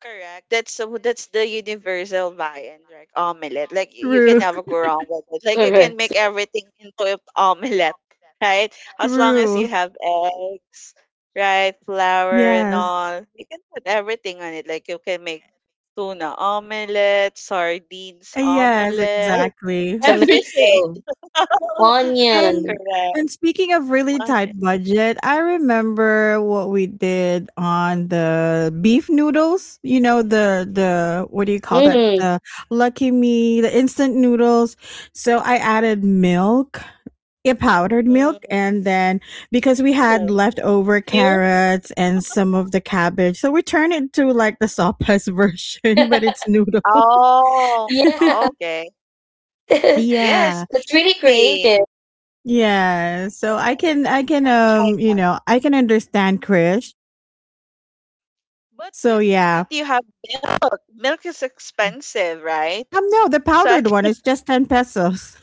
Speaker 2: Correct. That's so that's the universal buy-in, like omelette. Like y- you can
Speaker 1: True,
Speaker 2: never go wrong with it. Like you can
Speaker 3: correct.
Speaker 2: make everything into an omelette, right? As long as you
Speaker 1: true.
Speaker 2: have eggs, right, flour and
Speaker 1: Yes.
Speaker 2: all, you can put everything on it. Like you can make tuna omelette, sardines
Speaker 1: Yes,
Speaker 2: omelette,
Speaker 1: exactly.
Speaker 2: everything.
Speaker 3: Tomato,
Speaker 1: And
Speaker 3: onion.
Speaker 2: Correct.
Speaker 1: and speaking of really
Speaker 2: Uh,
Speaker 1: tight budget, I remember what we did on the beef noodles. You know the the what do you call that?
Speaker 3: Mm,
Speaker 1: The Lucky Me, the instant noodles. So I added milk, a powdered milk,
Speaker 2: mm,
Speaker 1: and then because we had
Speaker 2: ooh,
Speaker 1: leftover
Speaker 2: that's new.
Speaker 1: carrots and some of the cabbage, so we turned it to like the sopas version, but it's noodles.
Speaker 2: Oh,
Speaker 3: yeah.
Speaker 2: okay. Yes,
Speaker 1: Yeah.
Speaker 2: it
Speaker 3: That's
Speaker 2: can
Speaker 3: really
Speaker 2: be.
Speaker 3: creative.
Speaker 1: Yeah, so I
Speaker 2: Right.
Speaker 1: can I can
Speaker 2: I'll try
Speaker 1: um, you
Speaker 2: that.
Speaker 1: know, I can understand Krish.
Speaker 2: But
Speaker 1: So
Speaker 2: good thing
Speaker 1: yeah.
Speaker 2: that you have milk is expensive, right?
Speaker 1: Um no, the
Speaker 2: So I
Speaker 1: powdered
Speaker 2: can
Speaker 1: one is just ten pesos.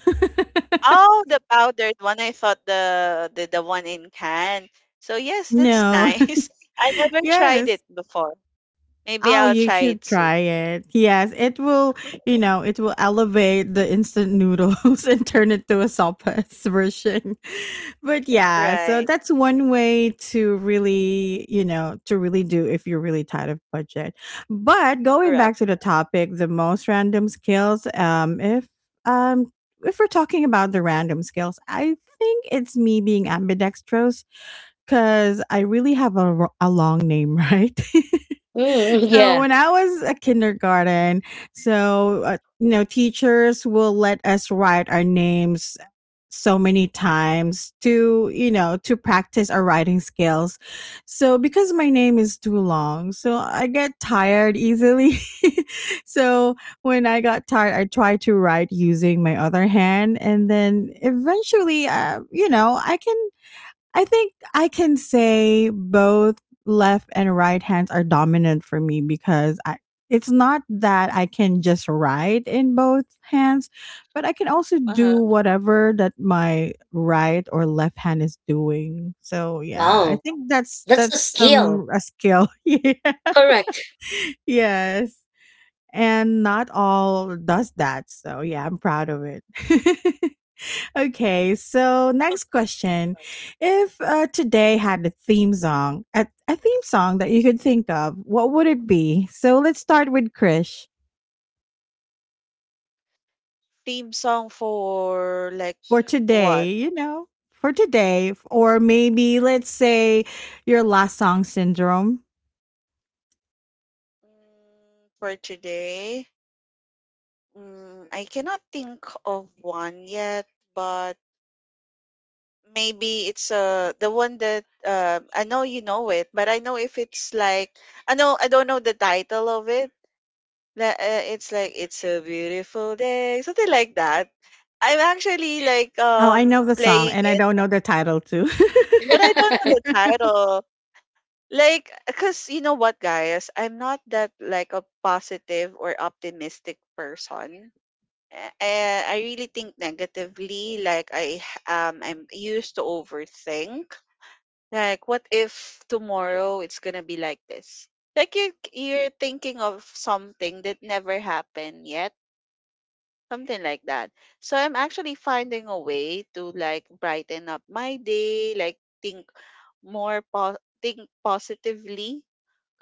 Speaker 2: oh, the powdered one. I thought the the, the one in can. So yes, that's
Speaker 1: No.
Speaker 2: nice. I never tried it
Speaker 1: Yes.
Speaker 2: before. Maybe
Speaker 1: Oh,
Speaker 2: I'll
Speaker 1: you
Speaker 2: try it
Speaker 1: should
Speaker 2: soon.
Speaker 1: try it. Yes, it will, you know, it will elevate the instant noodles and turn it to a sopas version. But yeah, so
Speaker 2: Right.
Speaker 1: that's one way to really, you know, to really do if you're really tight of budget. But going
Speaker 2: Correct.
Speaker 1: back to the topic, the most random skills, um, if um if we're talking about the random skills, I think it's me being ambidextrous because I really have a, r- a long name, right?
Speaker 3: Mm,
Speaker 1: So
Speaker 3: yeah.
Speaker 1: when
Speaker 2: Mhm.
Speaker 1: I was a kindergarten, so uh, you know, teachers will let us write our names so many times to you know to practice our writing skills. So because my name is too long, so I get tired easily. So when I got tired, I tried to write using my other hand, and then eventually, uh, you know, I can I think I can say both left and right hands are dominant for me because I it's not that I can just write in both hands, but I can also do
Speaker 2: Uh-huh.
Speaker 1: whatever that my right or left hand is doing. So yeah, I
Speaker 3: Wow,
Speaker 1: think that's
Speaker 3: that's a
Speaker 1: that's some
Speaker 3: skill.
Speaker 1: a skill. Yeah.
Speaker 3: Correct.
Speaker 1: Yes. And not all does that. So yeah, I'm proud of it. Okay, so next question. If uh, today had a theme song, a, a theme song that you could think of, what would it be? So let's start with Krish.
Speaker 2: Theme song for like
Speaker 1: For
Speaker 2: what?
Speaker 1: today, you know, for today, f- or maybe let's say your last song, Syndrome.
Speaker 2: Mm, for today. Mm, I cannot think of one yet, but maybe it's uh the one that uh I know you know it, but I know if it's like I know I don't know the title of it. La- uh, It's like it's a beautiful day, something like that. I'm actually like
Speaker 1: Oh, I
Speaker 2: um
Speaker 1: know the song
Speaker 2: playing
Speaker 1: and I
Speaker 2: it,
Speaker 1: don't know the title too.
Speaker 2: but I don't know the title. Like, cause you know what, guys, I'm not that like a positive or optimistic person. Uh, I, I really think negatively. Like I h- um I'm used to overthink. Like, what if tomorrow it's gonna be like this? Like you you're thinking of something that never happened yet, something like that. So I'm actually finding a way to like brighten up my day, like think more po- think positively.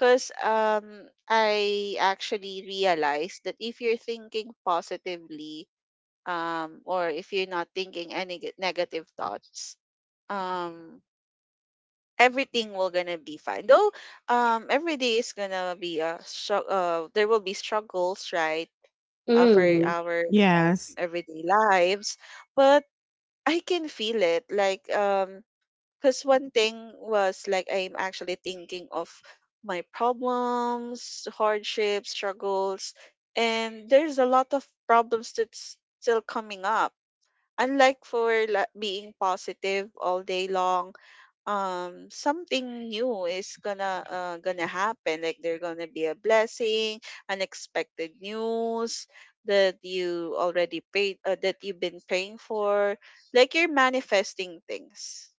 Speaker 2: Cause um I actually realized that if you're thinking positively, um, or if you're not thinking any neg- negative thoughts, um everything will gonna be fine. Though um every day is gonna be a stru- uh there will be struggles, right? Uh, for
Speaker 3: Mm,
Speaker 2: our
Speaker 1: Yes.
Speaker 2: everyday lives. But I can feel it. Like um because one thing was like I'm actually thinking of my problems, hardships, struggles, and there's a lot of problems that's still coming up. Unlike for like, being positive all day long, um something new is gonna uh, gonna happen. Like there's gonna be a blessing, unexpected news that you already prayed uh, that you've been praying for, like you're manifesting things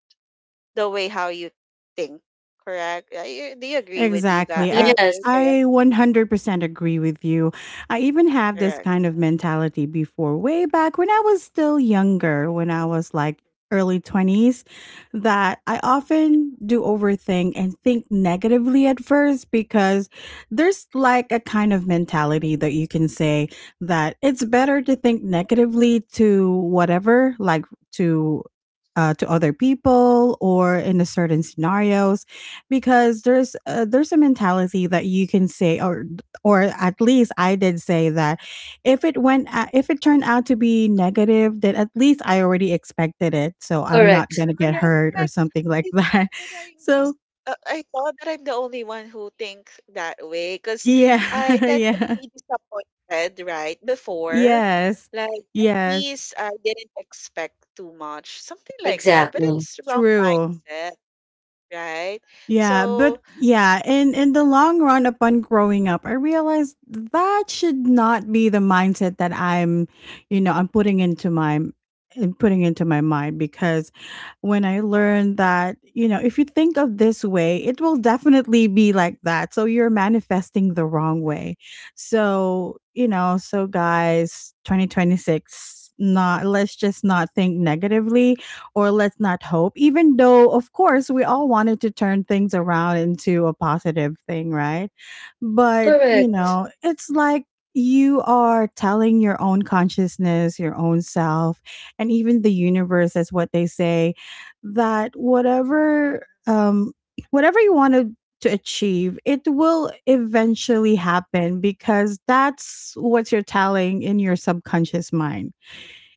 Speaker 2: the way how you think. Correct. Uh, you- do you agree with you guys
Speaker 1: Exactly.
Speaker 2: uh,
Speaker 1: I
Speaker 2: do you
Speaker 3: yes,
Speaker 2: agree?
Speaker 1: I one hundred percent agree with you. I even have this
Speaker 2: Correct.
Speaker 1: kind of mentality before, way back when I was still younger, when I was like early twenties, that I often do overthink and think negatively at first, because there's like a kind of mentality that you can say that it's better to think negatively to whatever, like to uh, to other people or in a certain scenarios, because there's uh, there's a mentality that you can say or or at least I did say that if it went a- if it turned out to be negative, then at least I already expected it, so I'm not
Speaker 3: correct.
Speaker 1: going to get hurt or
Speaker 2: Correct.
Speaker 1: something like
Speaker 2: I thought
Speaker 1: that.
Speaker 2: that I'm
Speaker 1: So
Speaker 2: just uh, I thought that I'm the only one who thinks that way because
Speaker 1: yeah.
Speaker 2: I tend to
Speaker 1: Yeah.
Speaker 2: be disappointed, right? Before,
Speaker 1: Yes.
Speaker 2: like at
Speaker 1: Yes.
Speaker 2: least I didn't expect too much, something like that. But
Speaker 3: Exactly.
Speaker 2: it's wrong
Speaker 1: True.
Speaker 2: mindset, right?
Speaker 1: Yeah,
Speaker 2: So,
Speaker 1: but yeah, in in the long run upon growing up, I realized that should not be the mindset that I'm, you know, I'm putting into my and putting into my mind, because when I learned that, you know, if you think of this way, it will definitely be like that. So you're manifesting the wrong way. So, you know, so guys, twenty twenty-six not let's just not think negatively or let's not hope, even though, of course, we all wanted to turn things around into a positive thing, right? But,
Speaker 2: mm,
Speaker 1: you
Speaker 3: Correct.
Speaker 1: know,
Speaker 2: so-
Speaker 1: it's like you are telling your own consciousness, your own self, and even the universe, as what they say, that whatever, um, whatever you want to to achieve, it will eventually happen, because that's what you're telling in your subconscious mind.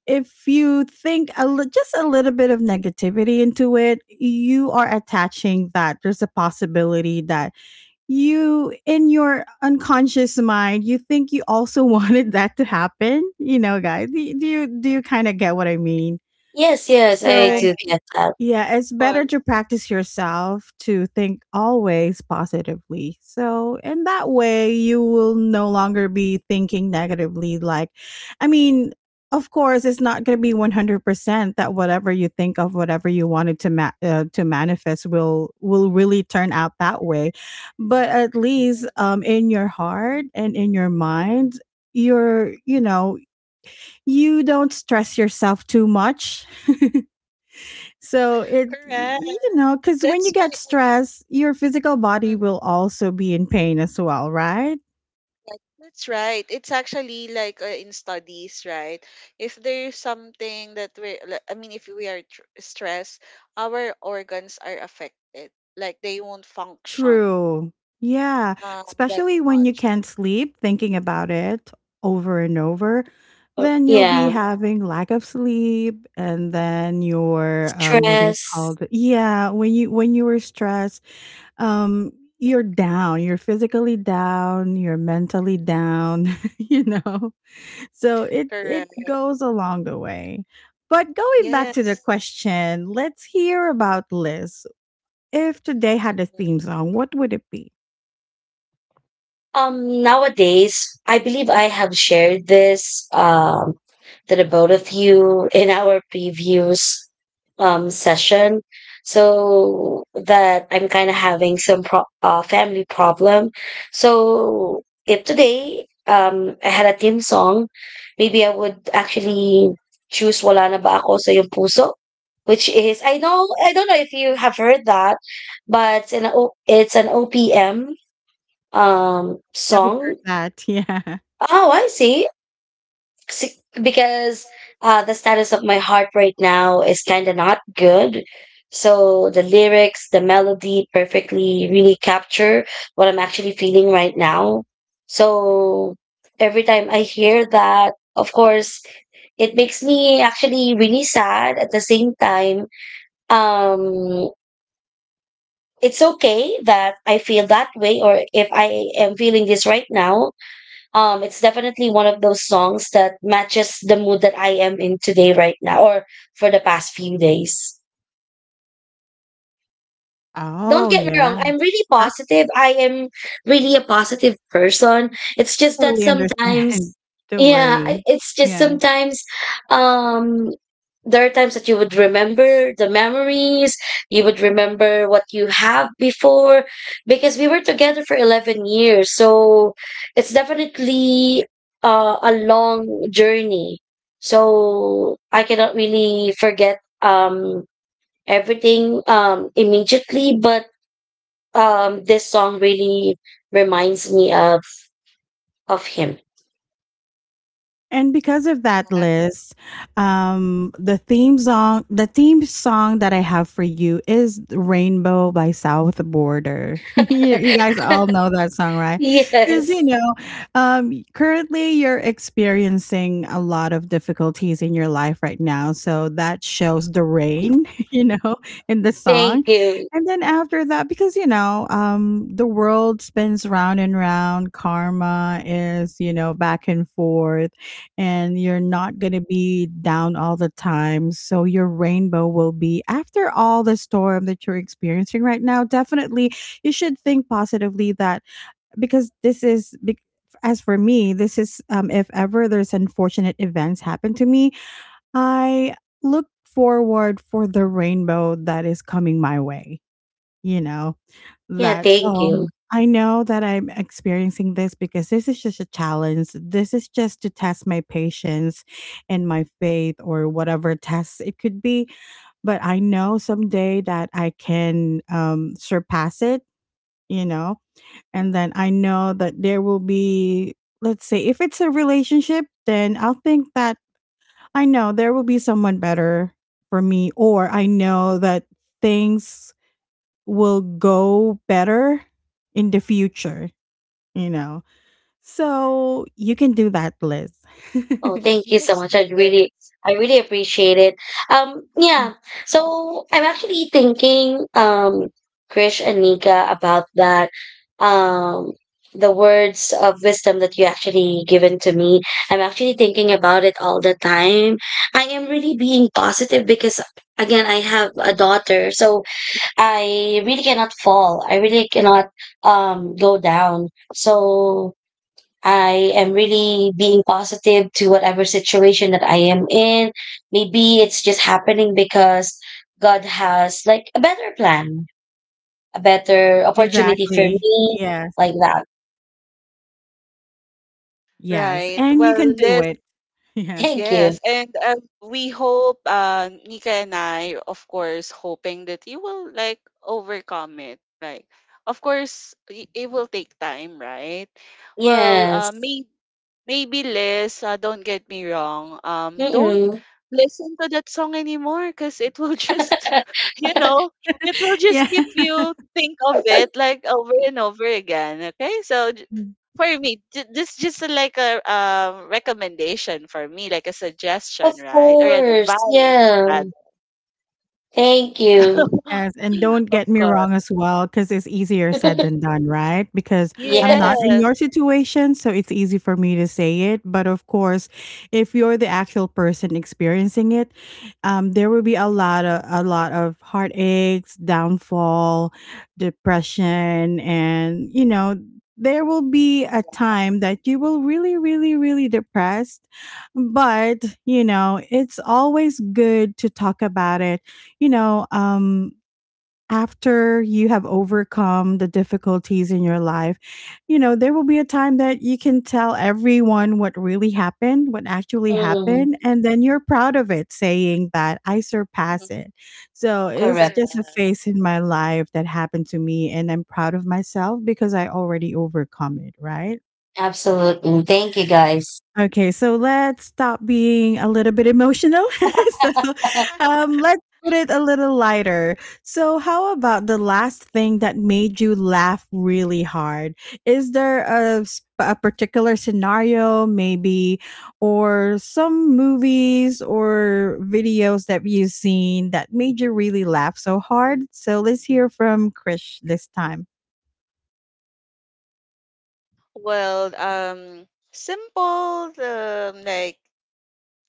Speaker 1: If you think a li- just a little bit of negativity into it, you are attaching that there's a possibility that you, in your unconscious mind, you think you also wanted that to happen. You know, guys, do do you do you kind of get what I mean?
Speaker 3: Yes, yes, I
Speaker 1: So
Speaker 2: right,
Speaker 3: do get that.
Speaker 1: yeah, it's better
Speaker 2: was
Speaker 1: to practice yourself to think always positively. So, in that
Speaker 2: mm,
Speaker 1: way, you will no longer be thinking negatively. Like, I mean, of course, it's not going to be one hundred percent that whatever you think of, whatever you wanted to ma- uh, to manifest will will really turn out that way. But at
Speaker 2: mm.
Speaker 1: least um, in your heart and in your mind, you're, you know, you don't stress yourself too much, so it,
Speaker 2: Correct.
Speaker 1: you know, because when you
Speaker 2: That's why
Speaker 1: get
Speaker 2: I.
Speaker 1: stressed, your physical body
Speaker 2: Mm-hmm.
Speaker 1: will also be in pain as well, right?
Speaker 2: Right, that's right. It's actually like uh, in studies, right? If there's something that we, like, I mean, if we are tr- stressed, our organs are affected. Like they won't function
Speaker 1: True. Yeah.
Speaker 2: um that
Speaker 1: Especially when you
Speaker 2: much.
Speaker 1: can't sleep, thinking about it over and over,
Speaker 3: Or-
Speaker 1: then you'll be
Speaker 3: Yeah,
Speaker 1: having lack of sleep, and then your um, what do you
Speaker 3: stress.
Speaker 1: call it? Yeah, when you when you were stressed, um, you're down. You're physically down. You're mentally down. You know. So it it
Speaker 2: Correct.
Speaker 1: goes along the way. But going back to the
Speaker 2: Yes.
Speaker 1: question, let's hear about Liz. If today had a
Speaker 2: Mm-hmm.
Speaker 1: theme song, what would it be?
Speaker 3: Um, nowadays, I believe I have shared this um, to the both of you in our previous um, session. So that I'm kind of having some pro- uh, family problem. So if today um, I had a theme song, maybe I would actually choose Wala na ba ako sa iyong puso, which is I know I don't know if you have heard that, but it's an o- it's an O P M um
Speaker 1: Haven't heard
Speaker 3: song.
Speaker 1: that. Yeah.
Speaker 3: Oh, I see. See, because uh the status of my heart right now is kind of not good, so the lyrics, the melody perfectly really capture what I'm actually feeling right now. So every time I hear that, of course it makes me actually really sad. At the same time, um it's okay that I feel that way, or if I am feeling this right now. Um it's definitely one of those songs that matches the mood that I am in today right now, or for the past few days. Don't
Speaker 1: Oh
Speaker 3: get me
Speaker 1: yeah.
Speaker 3: wrong, I'm really
Speaker 1: That's
Speaker 3: positive. I am really a positive person. It's just that
Speaker 1: Totally understand.
Speaker 3: sometimes,
Speaker 1: Don't
Speaker 3: yeah,
Speaker 1: worry.
Speaker 3: I- it's just
Speaker 1: Yeah.
Speaker 3: sometimes, um there are times that you would remember the memories, you would remember what you have before, because we were together for eleven years. So it's definitely uh, a long journey, so I cannot really forget um everything um immediately. But um this song really reminds me of of him.
Speaker 1: And because of that
Speaker 2: Yeah.
Speaker 1: list, um, the theme song, the theme song that I have for you is "Rainbow" by South Border. you, you guys all know that song, right? Because you
Speaker 3: Yes,
Speaker 1: know, um, currently you're experiencing a lot of difficulties in your life right now, so that shows the rain, you know, in the
Speaker 3: thank
Speaker 1: song.
Speaker 3: you.
Speaker 1: And then after that, because you know, um, the world spins round and round. Karma is, you know, back and forth, and you're not going to be down all the time. So your rainbow will be after all the storm that you're experiencing right now. Definitely, you should think positively that because this is. Bec- as for me, this is um, if ever there's unfortunate events happen to me, I look forward for the rainbow that is coming my way. You know,
Speaker 3: Yeah,
Speaker 1: that,
Speaker 3: thank
Speaker 1: "Oh,
Speaker 3: you.
Speaker 1: I know that I'm experiencing this because this is just a challenge. This is just to test my patience and my faith or whatever tests it could be. But I know someday that I can, um, surpass it, you know, and then I know that there will be let's say if it's a relationship, then I'll think that I know there will be someone better for me, or I know that things will go better in the future, you know. So
Speaker 2: Correct.
Speaker 1: you can do that, Liz.
Speaker 3: Oh, thank you so
Speaker 2: Yes,
Speaker 3: much. I really,
Speaker 2: Liz.
Speaker 3: I really appreciate it. Um yeah, so I'm actually thinking, um Krish and Nika, about that, um the words of wisdom that you actually given to me. I'm actually thinking about it all the time. I am really being positive because, again, I have a daughter. So I really cannot fall. I really cannot um go down. So I am really being positive to whatever situation that I am in. Maybe it's just happening because God has like a better plan, a better opportunity for
Speaker 1: Exactly.
Speaker 3: me,
Speaker 1: Yes.
Speaker 3: like that.
Speaker 1: Yes.
Speaker 2: Right.
Speaker 1: And you
Speaker 2: Well,
Speaker 1: can do
Speaker 2: Liz.
Speaker 1: it. Yeah.
Speaker 3: Thank you.
Speaker 2: Yes, and um, we hope, uh, Nika and I, of course, hoping that you will like overcome it. Like, of course, i- it will take time, right? Well, uh,
Speaker 3: Yes.
Speaker 2: may maybe Liz, uh, don't get me wrong. Um, don't
Speaker 3: Mm-mm.
Speaker 2: listen to that song anymore because it will just, you know, it will just
Speaker 1: Yeah.
Speaker 2: keep you think of it like over and over again. Okay, so j- for me, j- this just a- like a um, recommendation for me, like a
Speaker 3: Of
Speaker 2: suggestion, right, or an
Speaker 3: course.
Speaker 2: advice.
Speaker 3: Yeah.
Speaker 2: Rather.
Speaker 3: Thank you.
Speaker 1: Yes, and don't
Speaker 2: Of
Speaker 1: get me
Speaker 2: course,
Speaker 1: wrong as well, because it's easier said than done, right? Because I'm not
Speaker 3: Yes.
Speaker 1: in
Speaker 2: yes,
Speaker 1: your situation, so it's easy for me to say it. But of course, if you're the actual person experiencing it, um, there will be a lot of a lot of heartaches, downfall, depression, and you know, there will be a time that you will really, really, really depressed. But you know, it's always good to talk about it, you know, um, after you have overcome the difficulties in your life, you know, there will be a time that you can tell everyone what really happened, what actually
Speaker 3: Mm.
Speaker 1: happened, and then you're proud of it, saying that I
Speaker 2: mhm.
Speaker 1: surpass it. So it's just
Speaker 3: Correct.
Speaker 1: a
Speaker 2: Correct,
Speaker 1: phase in my life that happened to me, and I'm proud of myself because I already overcome it, right?
Speaker 3: Absolutely. Thank
Speaker 2: correct.
Speaker 3: you, guys.
Speaker 1: Okay, so let's stop being a little bit emotional. So, um, let's put it a little lighter. So, how about the last thing that made you laugh really hard? Is there a, s- a particular scenario, maybe, or some movies or videos that you've seen that made you really laugh so hard? So, let's hear from Krish this time.
Speaker 2: Well, um, simple, um, like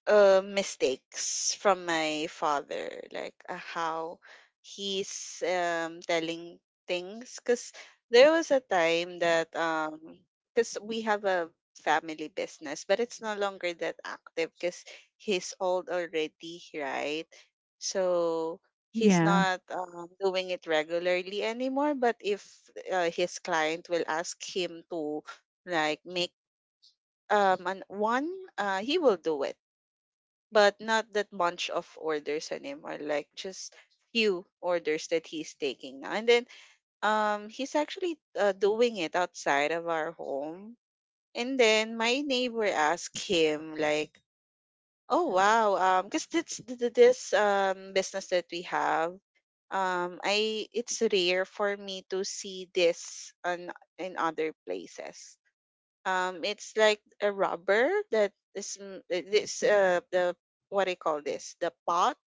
Speaker 2: uh, mistakes from my father, like uh, how he's um, telling things. Because there was a time that, um, because we have a family business, but it's no longer that active because he's old already, right? So he's
Speaker 1: Yeah.
Speaker 2: not um, doing it regularly anymore. But if uh, his client will ask him to, like, make um, an one, uh, he will do it but not that bunch of orders anymore, like just few orders that he's taking now. And then um he's actually uh, doing it outside of our home. And then my neighbor asked him, like, oh wow, um because this th- th- this um business that we have, um I it's rare for me to see this on in other places. Um it's like a rubber that is m- uh, this uh the, what do you call this, the pot,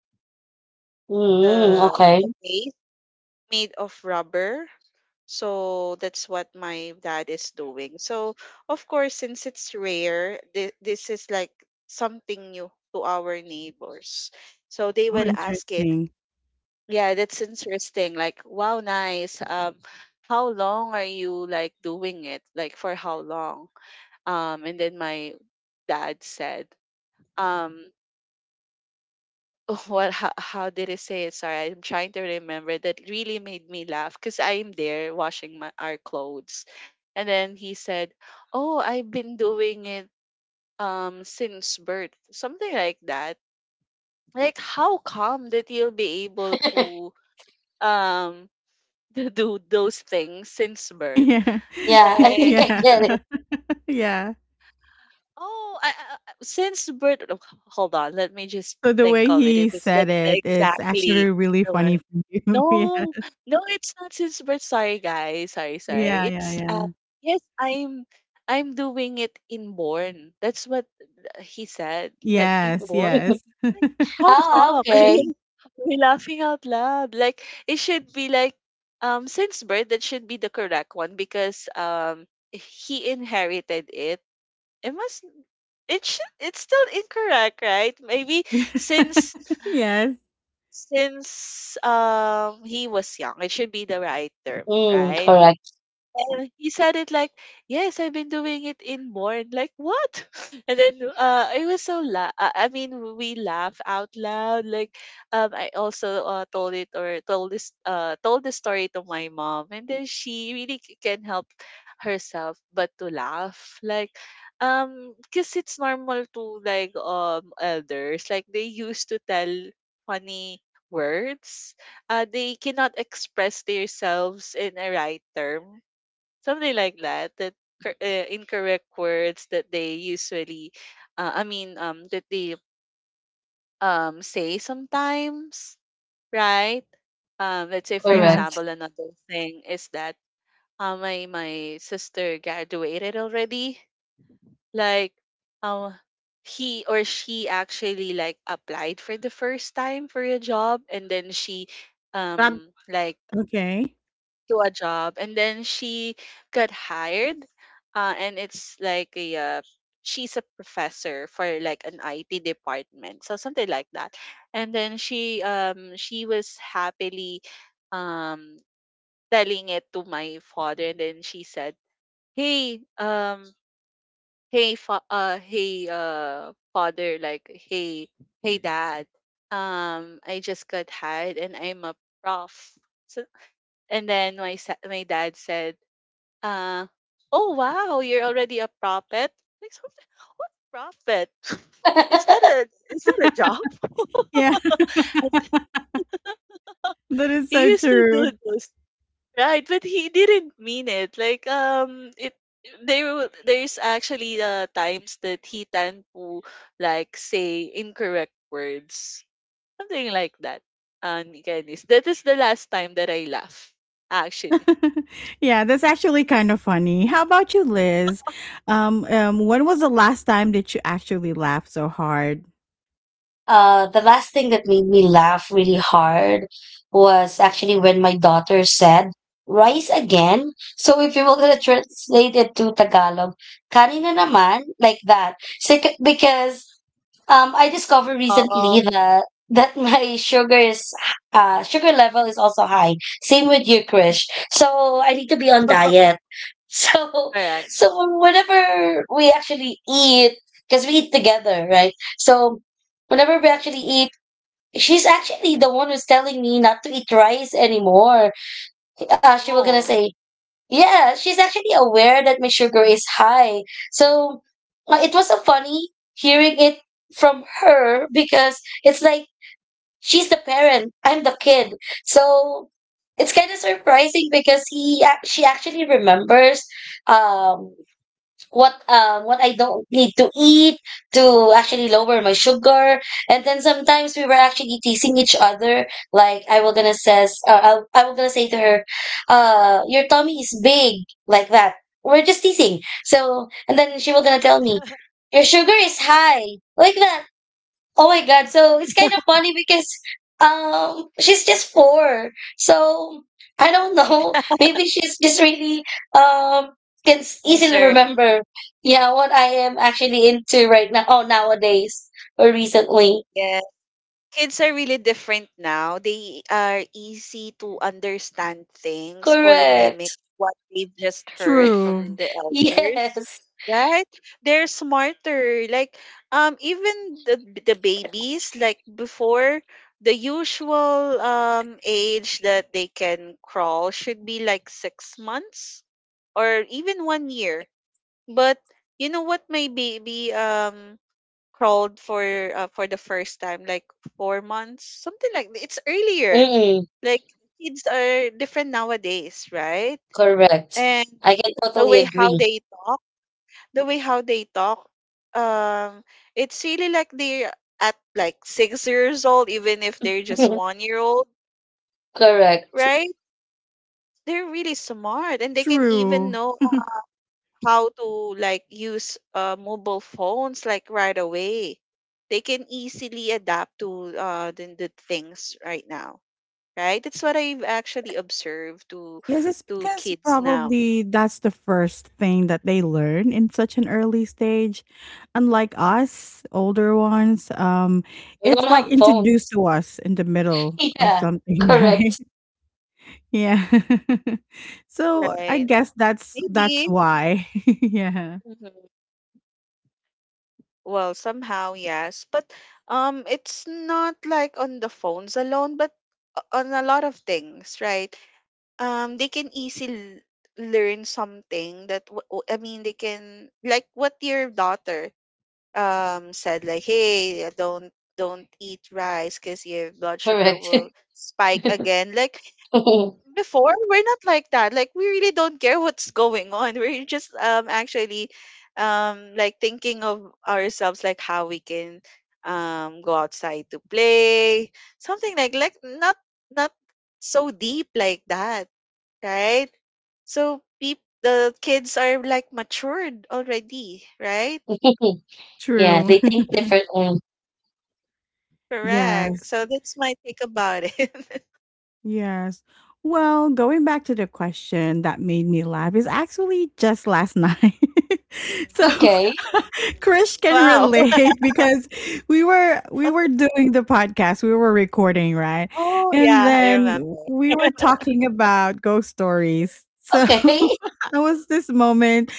Speaker 3: Mm,
Speaker 2: the the
Speaker 3: okay.
Speaker 2: base made of rubber. So that's what my dad is doing. So of course, since it's rare, th- this is like something new to our neighbors. So they
Speaker 1: Oh,
Speaker 2: will ask it,
Speaker 1: interesting.
Speaker 2: yeah, that's interesting. Like, wow, nice. Um, how long are you like doing it? Like for how long? Um, and then my dad said, um, oh, what how, how did I say it? Sorry, I'm trying to remember. That really made me laugh because I'm there washing my our clothes, and then he said, "Oh, I've been doing it um since birth," something like that. Like, how come that you'll be able to um to do those things since birth?
Speaker 1: Yeah.
Speaker 3: Yeah, I
Speaker 2: Like,
Speaker 3: think I
Speaker 1: Yeah.
Speaker 3: get it.
Speaker 1: Yeah.
Speaker 2: oh, I, I, I- since birth, oh, h- hold on, let me just
Speaker 1: So the
Speaker 2: think
Speaker 1: way
Speaker 2: of it. If
Speaker 1: he
Speaker 2: it's
Speaker 1: said
Speaker 2: that's
Speaker 1: it, it's
Speaker 2: exactly
Speaker 1: actually really
Speaker 2: the
Speaker 1: funny
Speaker 2: word.
Speaker 1: for you.
Speaker 2: No, no, it's not since birth. Sorry, guys. Sorry,
Speaker 1: Yeah.
Speaker 2: sorry.
Speaker 1: Yeah, yeah,
Speaker 2: It's
Speaker 1: yeah.
Speaker 2: uh, yes, I'm, I'm doing it inborn. That's what uh, he said. Like
Speaker 1: Yes,
Speaker 2: inborn.
Speaker 1: yes.
Speaker 2: Like how
Speaker 3: Oh,
Speaker 2: come?
Speaker 3: okay.
Speaker 2: And then we're laughing out loud. Like it should be like um since birth. That should be the correct one because um he inherited it. It must it should it's still incorrect, right? Maybe since
Speaker 1: Yes,
Speaker 2: since um he was young it should be the right term,
Speaker 3: Mm,
Speaker 2: right?
Speaker 3: correct,
Speaker 2: And he said it like, "Yes, I've been doing it inborn." Like what? And then uh, I was so la. Uh, I mean, we laugh out loud. Like, um, I also uh, told it or told this uh told the story to my mom, and then she really c- can't help herself but to laugh. Like, um, because it's normal to like um elders. Like they used to tell funny words, uh, they cannot express themselves in a right term, something like that, that cor- uh, incorrect words that they usually uh, i mean um that they um say sometimes, right? Um let's say for
Speaker 3: correct.
Speaker 1: yes.
Speaker 2: example, another thing is that uh, my my sister graduated already, like um he or she actually like applied for the first time for a job, and then she
Speaker 1: Um,
Speaker 2: um like
Speaker 1: okay.
Speaker 2: to a job, and then she got hired. Uh, and it's like a uh, she's a professor for like an I T department, so something like that. And then she um she was happily um telling it to my father, and then she said, hey um hey fa- uh hey uh father, like hey, hey dad, um I just got hired and I'm a prof. So and then my sa- my dad said, uh, oh wow, you're already a prophet. Like something, what prophet? Is that a, is that a job?
Speaker 1: Yeah,
Speaker 2: And
Speaker 1: that is
Speaker 2: he
Speaker 1: so
Speaker 2: used to do
Speaker 1: true.
Speaker 2: those, right? But he didn't mean it. Like um, it there w- there's actually uh, times that he tend to like say incorrect words, something like that. And Candice, that is the last time that I laugh. Actually,
Speaker 1: Yeah, that's actually kind of funny. How about you, Liz? Um, um, when was the last time that you actually laughed so hard?
Speaker 3: Uh, the last thing that made me laugh really hard was actually when my daughter said, rice again? So if you were going to translate it to Tagalog, kanina naman, like that. So, c- because Um, I discovered
Speaker 2: oh,
Speaker 3: recently that that my sugar is, uh sugar level is also high. Same with you, Krish. So I need to be on diet. So
Speaker 2: correct.
Speaker 3: so whenever we actually eat, because we eat together, right? So whenever we actually eat, she's actually the one who's telling me not to eat rice anymore. Uh, she was gonna
Speaker 2: No,
Speaker 3: say, yeah, she's actually aware that my sugar is high. So uh, it was so funny hearing it from her because it's like she's the parent, I'm the kid. So it's kind of surprising because he ac- she actually remembers um what um what I don't need to eat to actually lower my sugar. And then sometimes we were actually teasing each other. Like I will gonna says uh, I'll, I will gonna say to her, uh, your tummy is big, like that. We're just teasing. So and then she will gonna tell me, your sugar is high, like that. Oh my God. So it's kind of funny because um she's just four. So I don't know. Maybe she's just really um can s- easily
Speaker 2: concern.
Speaker 3: remember yeah what I am actually into right now. Oh, nowadays or recently.
Speaker 2: Yes. Kids are really different now. They are easy to understand things or mimic
Speaker 3: Correct.
Speaker 2: what they've just heard from
Speaker 1: True,
Speaker 2: the elders.
Speaker 3: Yes.
Speaker 2: Right? They're smarter. Like um even the the babies, like, before the usual um age that they can crawl should be like six months or even one year. But you know what, my baby um crawled for uh, for the first time like four months, something like that. It's earlier,
Speaker 3: Mm-mm.
Speaker 2: like, kids are different nowadays, right?
Speaker 3: Correct.
Speaker 2: And
Speaker 3: I can
Speaker 2: the
Speaker 3: totally
Speaker 2: way how
Speaker 3: agree.
Speaker 2: they talk, the way how they talk um it's really like they're at like six years old, even if they're just one year old,
Speaker 3: Correct.
Speaker 2: right? They're really smart and they can even
Speaker 1: true.
Speaker 2: know how to like use uh, mobile phones like right away. They can easily adapt to uh, the, the things right now, right? That's what I've actually observed to
Speaker 1: Yes, it's
Speaker 2: to
Speaker 1: because
Speaker 2: kids now,
Speaker 1: probably that's the first thing that they learn in such an early stage. Unlike us, older ones, um,
Speaker 3: We
Speaker 1: it's
Speaker 3: don't
Speaker 1: like
Speaker 3: have
Speaker 1: introduced
Speaker 3: phones.
Speaker 1: to us in the middle of
Speaker 3: Yeah.
Speaker 1: something, right?
Speaker 3: Correct.
Speaker 1: Yeah. So I
Speaker 2: right?
Speaker 1: guess that's that's
Speaker 2: Maybe.
Speaker 1: why. Yeah.
Speaker 2: Mhm. Well, somehow yes, but um, it's not like on the phones alone, but o- on a lot of things, right? Um, they can easily learn something that w- w- I mean, they can like what your daughter um said, like, hey, don't don't eat rice because your blood sugar
Speaker 3: Correct.
Speaker 2: will spike again, like, before we're not like that, like, we really don't care what's going on, we're just um actually um like thinking of ourselves, like how we can um go outside to play, something like, like not not so deep like that, right? So peop the kids are like matured already, right?
Speaker 3: Yeah,
Speaker 1: True.
Speaker 3: they think differently.
Speaker 2: Correct.
Speaker 1: Yes.
Speaker 2: So that's my take about it.
Speaker 1: Yes. Well, going back to the question that made me laugh is actually just last night. So
Speaker 3: Okay.
Speaker 1: Krish can
Speaker 2: Wow.
Speaker 1: relate because we were we were doing the podcast, we were recording, right?
Speaker 2: Oh
Speaker 1: And
Speaker 2: yeah, I remember.
Speaker 1: then we were talking about ghost stories. So
Speaker 3: Okay.
Speaker 1: it was this moment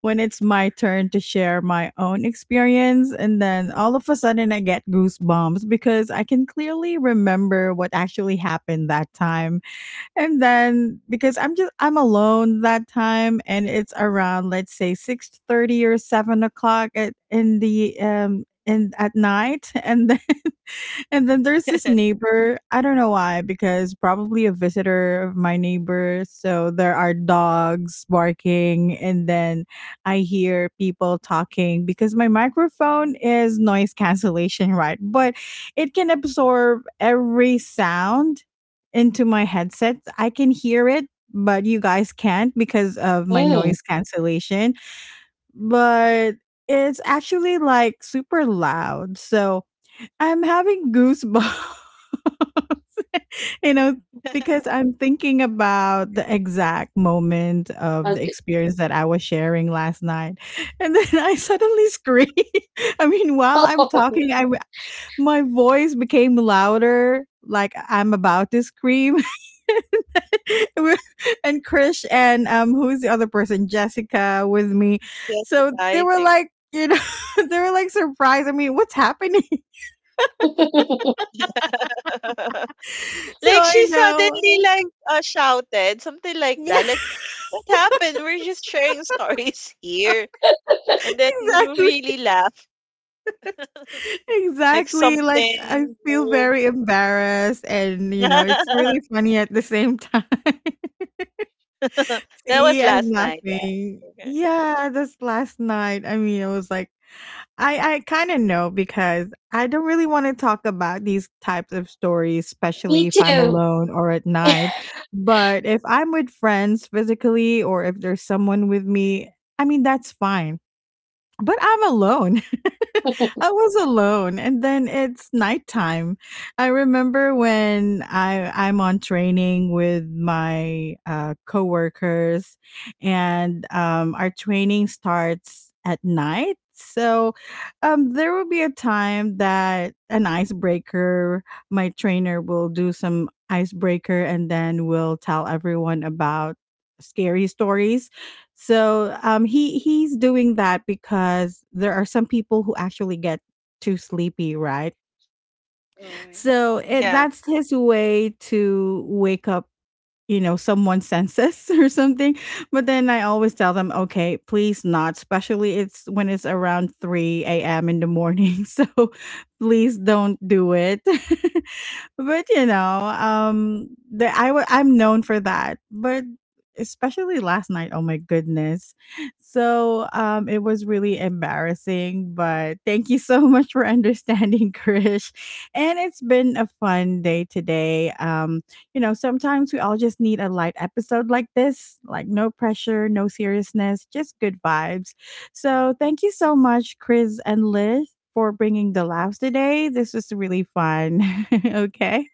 Speaker 1: when it's my turn to share my own experience. And then all of a sudden, I get goosebumps because I can clearly remember what actually happened that time. And then because I'm just, I'm alone that time and it's around, let's say, six thirty or seven o'clock at, in the, um, in at night and then and then there's this neighbor, I don't know why, because probably a visitor of my neighbor, so there are dogs barking, and then I hear people talking because my microphone is noise cancellation, right? But it can absorb every sound into my headset. I can hear it, but you guys can't because of my
Speaker 3: Mm.
Speaker 1: noise cancellation. But it's actually like super loud. So I'm having goosebumps. You know, because I'm thinking about the exact moment of the
Speaker 3: Okay.
Speaker 1: experience that I was sharing last night. And then I suddenly screamed. I mean, while I'm
Speaker 3: Oh.
Speaker 1: talking, I, my voice became louder, like I'm about to scream. We- and Krish and um, who's the other person? Jessica with me.
Speaker 2: Jessica,
Speaker 1: So they
Speaker 2: I
Speaker 1: were
Speaker 2: think.
Speaker 1: like, you know, they were like surprised. I mean, what's happening? So
Speaker 2: Like
Speaker 1: I
Speaker 2: she suddenly
Speaker 1: know.
Speaker 2: like uh, shouted something like that. Like,
Speaker 1: Yeah,
Speaker 2: what happened? We're just sharing stories here, and then we
Speaker 1: exactly.
Speaker 2: really laugh. Like
Speaker 1: Exactly, like, I
Speaker 2: something
Speaker 1: feel
Speaker 2: moved.
Speaker 1: very embarrassed and, you know, it's
Speaker 2: That
Speaker 1: really funny at the same time.
Speaker 2: was
Speaker 1: See, I'm
Speaker 2: last night. Yes.
Speaker 1: laughing.
Speaker 2: Okay.
Speaker 1: Yeah, this last night, I mean, it was like I I kinda know because I don't really wanna talk about these types of stories, especially
Speaker 3: Me
Speaker 1: if I'm
Speaker 3: too.
Speaker 1: alone or at night, but if I'm with friends physically or if there's someone with me, I mean, that's fine, but I'm alone. I was alone, and then it's nighttime. I remember when I I'm on training with my uh, coworkers, and um, our training starts at night. So, um, there will be a time that an icebreaker, my trainer will do some icebreaker, and then we'll tell everyone about scary stories. So um, he he's doing that because there are some people who actually get too sleepy, right?
Speaker 2: Mm.
Speaker 1: So it,
Speaker 2: Yeah.
Speaker 1: that's his way to wake up, you know, someone senses or something. But then I always tell them, okay, please not, especially it's when it's around three a.m. in the morning. So please don't do it. But you know, um the, i w- I'm known for that, but especially last night, oh my goodness. So um it was really embarrassing, but thank you so much for understanding. Krish, and it's been a fun day today. Um you know, sometimes we all just need a light episode like this, like no pressure, no seriousness, just good vibes. So, thank you so much, Chris and Liz, for bringing the laughs today. This was really fun. Okay.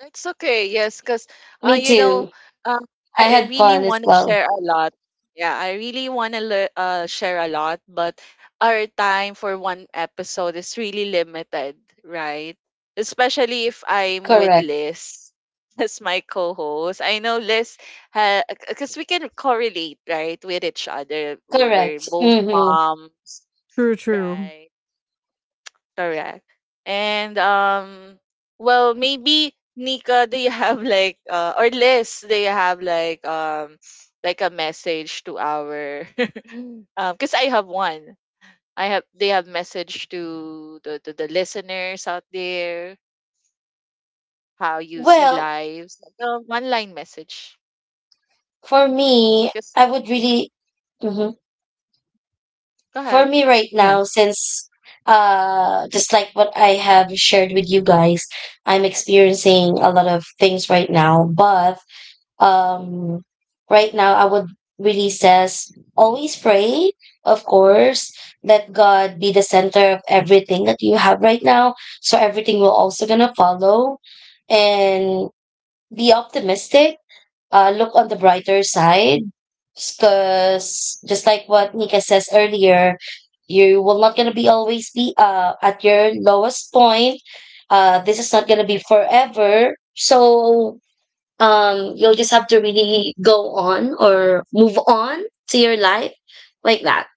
Speaker 2: That's okay. Yes,
Speaker 3: Me,
Speaker 2: because uh,
Speaker 3: Me
Speaker 2: you know,
Speaker 3: too.
Speaker 2: um,
Speaker 3: I
Speaker 2: I, I
Speaker 3: had
Speaker 2: really
Speaker 3: fun as
Speaker 2: want to
Speaker 3: well.
Speaker 2: share a lot. Yeah, I really want to le- uh, share a lot, but our time for one episode is really limited, right? Especially if I'm with
Speaker 3: Correct.
Speaker 2: Liz as my co-host. I know Liz, because we can correlate, right, with each other. We're, we're
Speaker 3: Correct.
Speaker 2: both
Speaker 3: Mm-hmm.
Speaker 2: moms,
Speaker 1: True, true.
Speaker 2: right? Correct. And um well, maybe Nika, do you have like uh or Liz, do you have like um like a message to our um because I have one. I have they have message to the, the, the listeners out there, how you see
Speaker 3: Well,
Speaker 2: lives. Um, one line message.
Speaker 3: for me,
Speaker 2: Just
Speaker 3: I would really, hmm,
Speaker 2: go
Speaker 3: for
Speaker 2: ahead.
Speaker 3: me right
Speaker 1: Yeah.
Speaker 3: now, since uh, just like what I have shared with you guys, I'm experiencing a lot of things right now, but um right now I would really says always pray, of course. Let God be the center of everything that you have right now, so everything will also gonna follow. And be optimistic, uh look on the brighter side, because just like what Nika says earlier, you will not gonna be always be uh at your lowest point. Uh this is not gonna be forever. So um you'll just have to really go on or move on to your life, like that.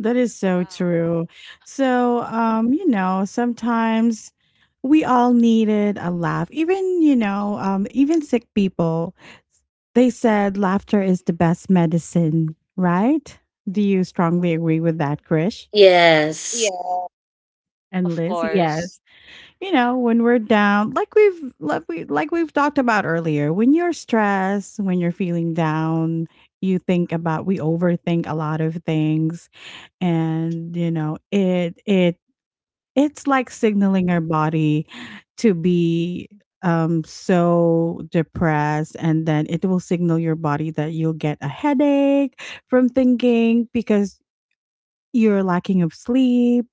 Speaker 1: That is so
Speaker 2: Wow.
Speaker 1: true. So, um, you know, sometimes we all needed a laugh. Even, you know, um, even sick people. They said laughter is the best medicine, right? Do you strongly agree with that, Krish?
Speaker 3: Yes.
Speaker 2: Yeah.
Speaker 1: And
Speaker 2: Of
Speaker 1: Liz,
Speaker 2: course.
Speaker 1: yes. You know, when we're down, like we've like we like we've talked about earlier, when you're stressed, when you're feeling down, you think about we overthink a lot of things, and you know, it it it's like signaling our body to be um so depressed, and then it will signal your body that you'll get a headache from thinking because you're lacking of sleep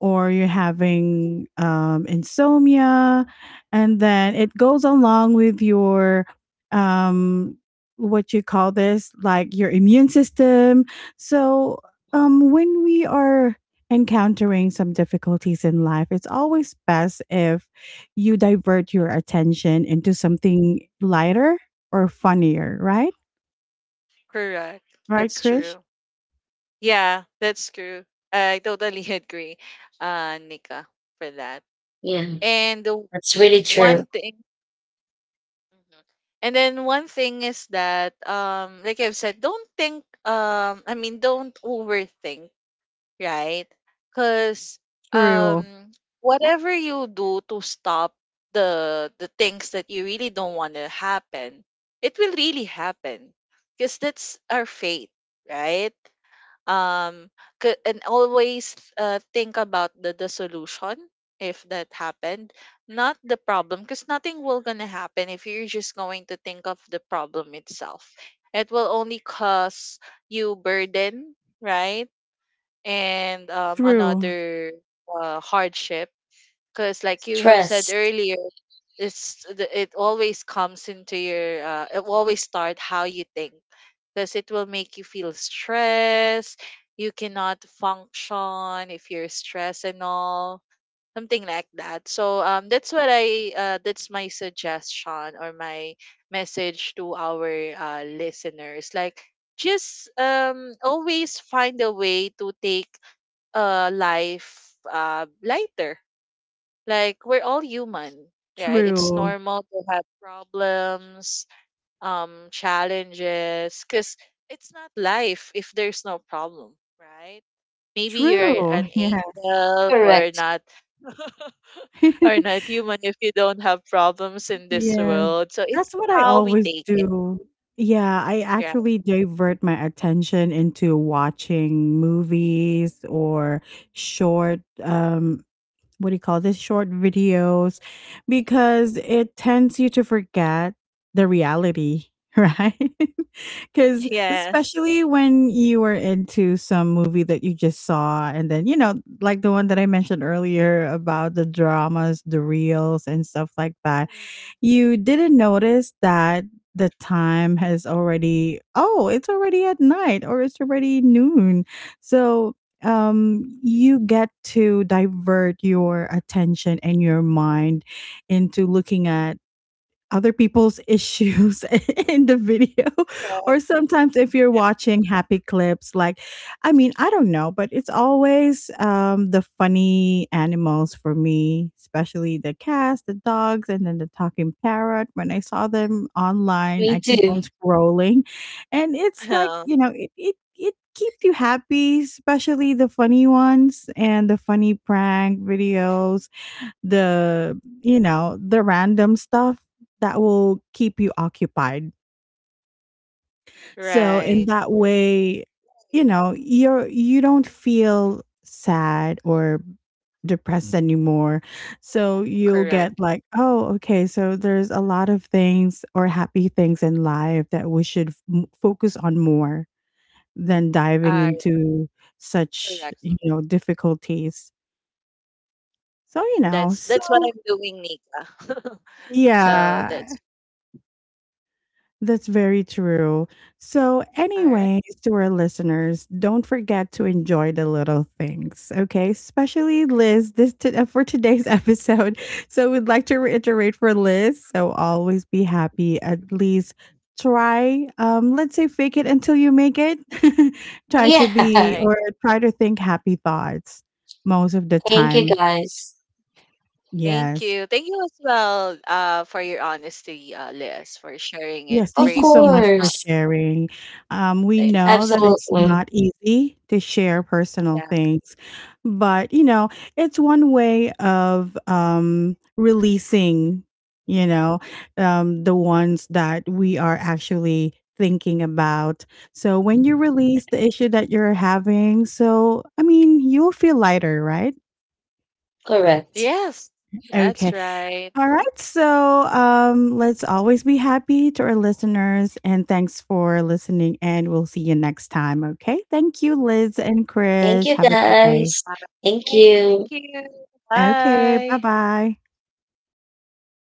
Speaker 1: or you're having um, insomnia, and then it goes along with your um, what you call this, like your immune system. So um, when we are encountering some difficulties in life, it's always best if you divert your attention into something lighter or funnier, right?
Speaker 2: Correct.
Speaker 1: Right,
Speaker 2: That's
Speaker 1: Krish?
Speaker 2: true. Yeah, that's true. I totally agree, uh, Nika, for that.
Speaker 3: Yeah,
Speaker 2: And the
Speaker 3: that's really true.
Speaker 2: one thing, Mhm. and then one thing is that, um, like I've said, don't think, um, I mean, don't overthink, right? Because,
Speaker 1: True,
Speaker 2: um, whatever you do to stop the the things that you really don't want to happen, it will really happen, because that's our fate, right? um c- and always uh, think about the, the solution if that happened, not the problem, because nothing will gonna happen if you're just going to think of the problem itself. It will only cause you burden, right? And um
Speaker 1: true,
Speaker 2: another uh, hardship, because like you have said
Speaker 3: Stress.
Speaker 2: earlier, it's the, it always comes into your uh, it always start how you think, because it will make you feel stressed. You cannot function if you're stressed and all, something like that. So um that's what I uh, that's my suggestion or my message to our uh, listeners, like, just um always find a way to take uh life uh lighter, like, we're all human, right? It's
Speaker 1: true,
Speaker 2: normal to have problems, um challenges, because it's not life if there's no problem, right? Maybe you're
Speaker 1: true.
Speaker 2: an
Speaker 1: Yes.
Speaker 2: angel or
Speaker 3: Correct.
Speaker 2: not, or not human, if you don't have problems in this
Speaker 1: Yeah.
Speaker 2: world. So
Speaker 1: That's
Speaker 2: it's
Speaker 1: what I
Speaker 2: how we
Speaker 1: always
Speaker 2: take it,
Speaker 1: do. Yeah, I
Speaker 2: right?
Speaker 1: actually divert my attention into watching movies or short, um, what do you call this? Short videos, because it tends you to forget the reality, right? Because
Speaker 2: Yes.
Speaker 1: especially when you are into some movie that you just saw, and then, you know, like the one that I mentioned earlier about the dramas, the reels, and stuff like that,
Speaker 2: Mhm.
Speaker 1: you didn't notice that the time has already, oh, it's already at night or it's already noon. So um you get to divert your attention and your mind into looking at other people's issues in the video. Or
Speaker 2: Correct.
Speaker 1: sometimes if you're
Speaker 2: Yeah.
Speaker 1: watching happy clips, like I mean, I don't know, but it's always um, the funny animals for me, especially the cats, the dogs, and then the talking parrot. When I saw them online,
Speaker 3: Me
Speaker 1: I keep on
Speaker 3: too.
Speaker 1: scrolling, and it's like you know it, it it keeps you happy, especially the funny ones and the funny prank videos, the you know the random stuff that will keep you occupied. So in
Speaker 2: Right.
Speaker 1: that way, you know, you're you don't feel sad or depressed anymore. So you'll
Speaker 2: Correct.
Speaker 1: get like, oh, okay, so there's a lot of things or happy things in life that we should f- m- focus on more than diving
Speaker 2: uh,
Speaker 1: into such
Speaker 2: Correct.
Speaker 1: you know difficulties. So you know
Speaker 2: that's that's what
Speaker 1: so
Speaker 2: I'm doing, Nika. So
Speaker 1: yeah.
Speaker 2: that's
Speaker 1: That's very true. So,
Speaker 2: all right.
Speaker 1: anyways, to our listeners, don't forget to enjoy the little things, okay? Especially Liz, this t- uh, for today's episode. So, we'd like to reiterate for Liz. So, always be happy. At least try, um, let's say, fake it until you make it. Try to
Speaker 3: Yeah.
Speaker 1: be
Speaker 2: Right.
Speaker 1: or try to think happy thoughts most of the
Speaker 3: Thank you,
Speaker 1: time.
Speaker 3: guys.
Speaker 2: Thank
Speaker 1: Yes.
Speaker 2: you. Thank you as well uh, for your honesty, uh, Liz, for sharing it
Speaker 1: Yes,
Speaker 3: Of
Speaker 1: thank you so
Speaker 2: bravely
Speaker 1: much
Speaker 2: to
Speaker 1: for
Speaker 3: course.
Speaker 2: us.
Speaker 1: sharing. Um, we
Speaker 2: Right?
Speaker 1: know that it's
Speaker 3: Absolutely.
Speaker 1: not easy to share personal
Speaker 2: Yeah.
Speaker 1: things, but you know, it's one way of um, releasing, you know, um, the ones that we are actually thinking about. So when you release the issue that you're having, so I mean, you'll feel lighter, right?
Speaker 3: Correct.
Speaker 2: Yes,
Speaker 1: Okay.
Speaker 2: that's right.
Speaker 1: All right. So um, let's always be happy to our listeners. And thanks for listening. And we'll see you next time. Okay. Thank you, Liz and
Speaker 3: Thank
Speaker 1: Krish.
Speaker 3: you,
Speaker 1: Have a good day.
Speaker 3: guys.
Speaker 2: Uh,
Speaker 3: Thank
Speaker 2: hey,
Speaker 3: you.
Speaker 2: thank you.
Speaker 1: Okay. Bye
Speaker 2: Bye.
Speaker 1: bye.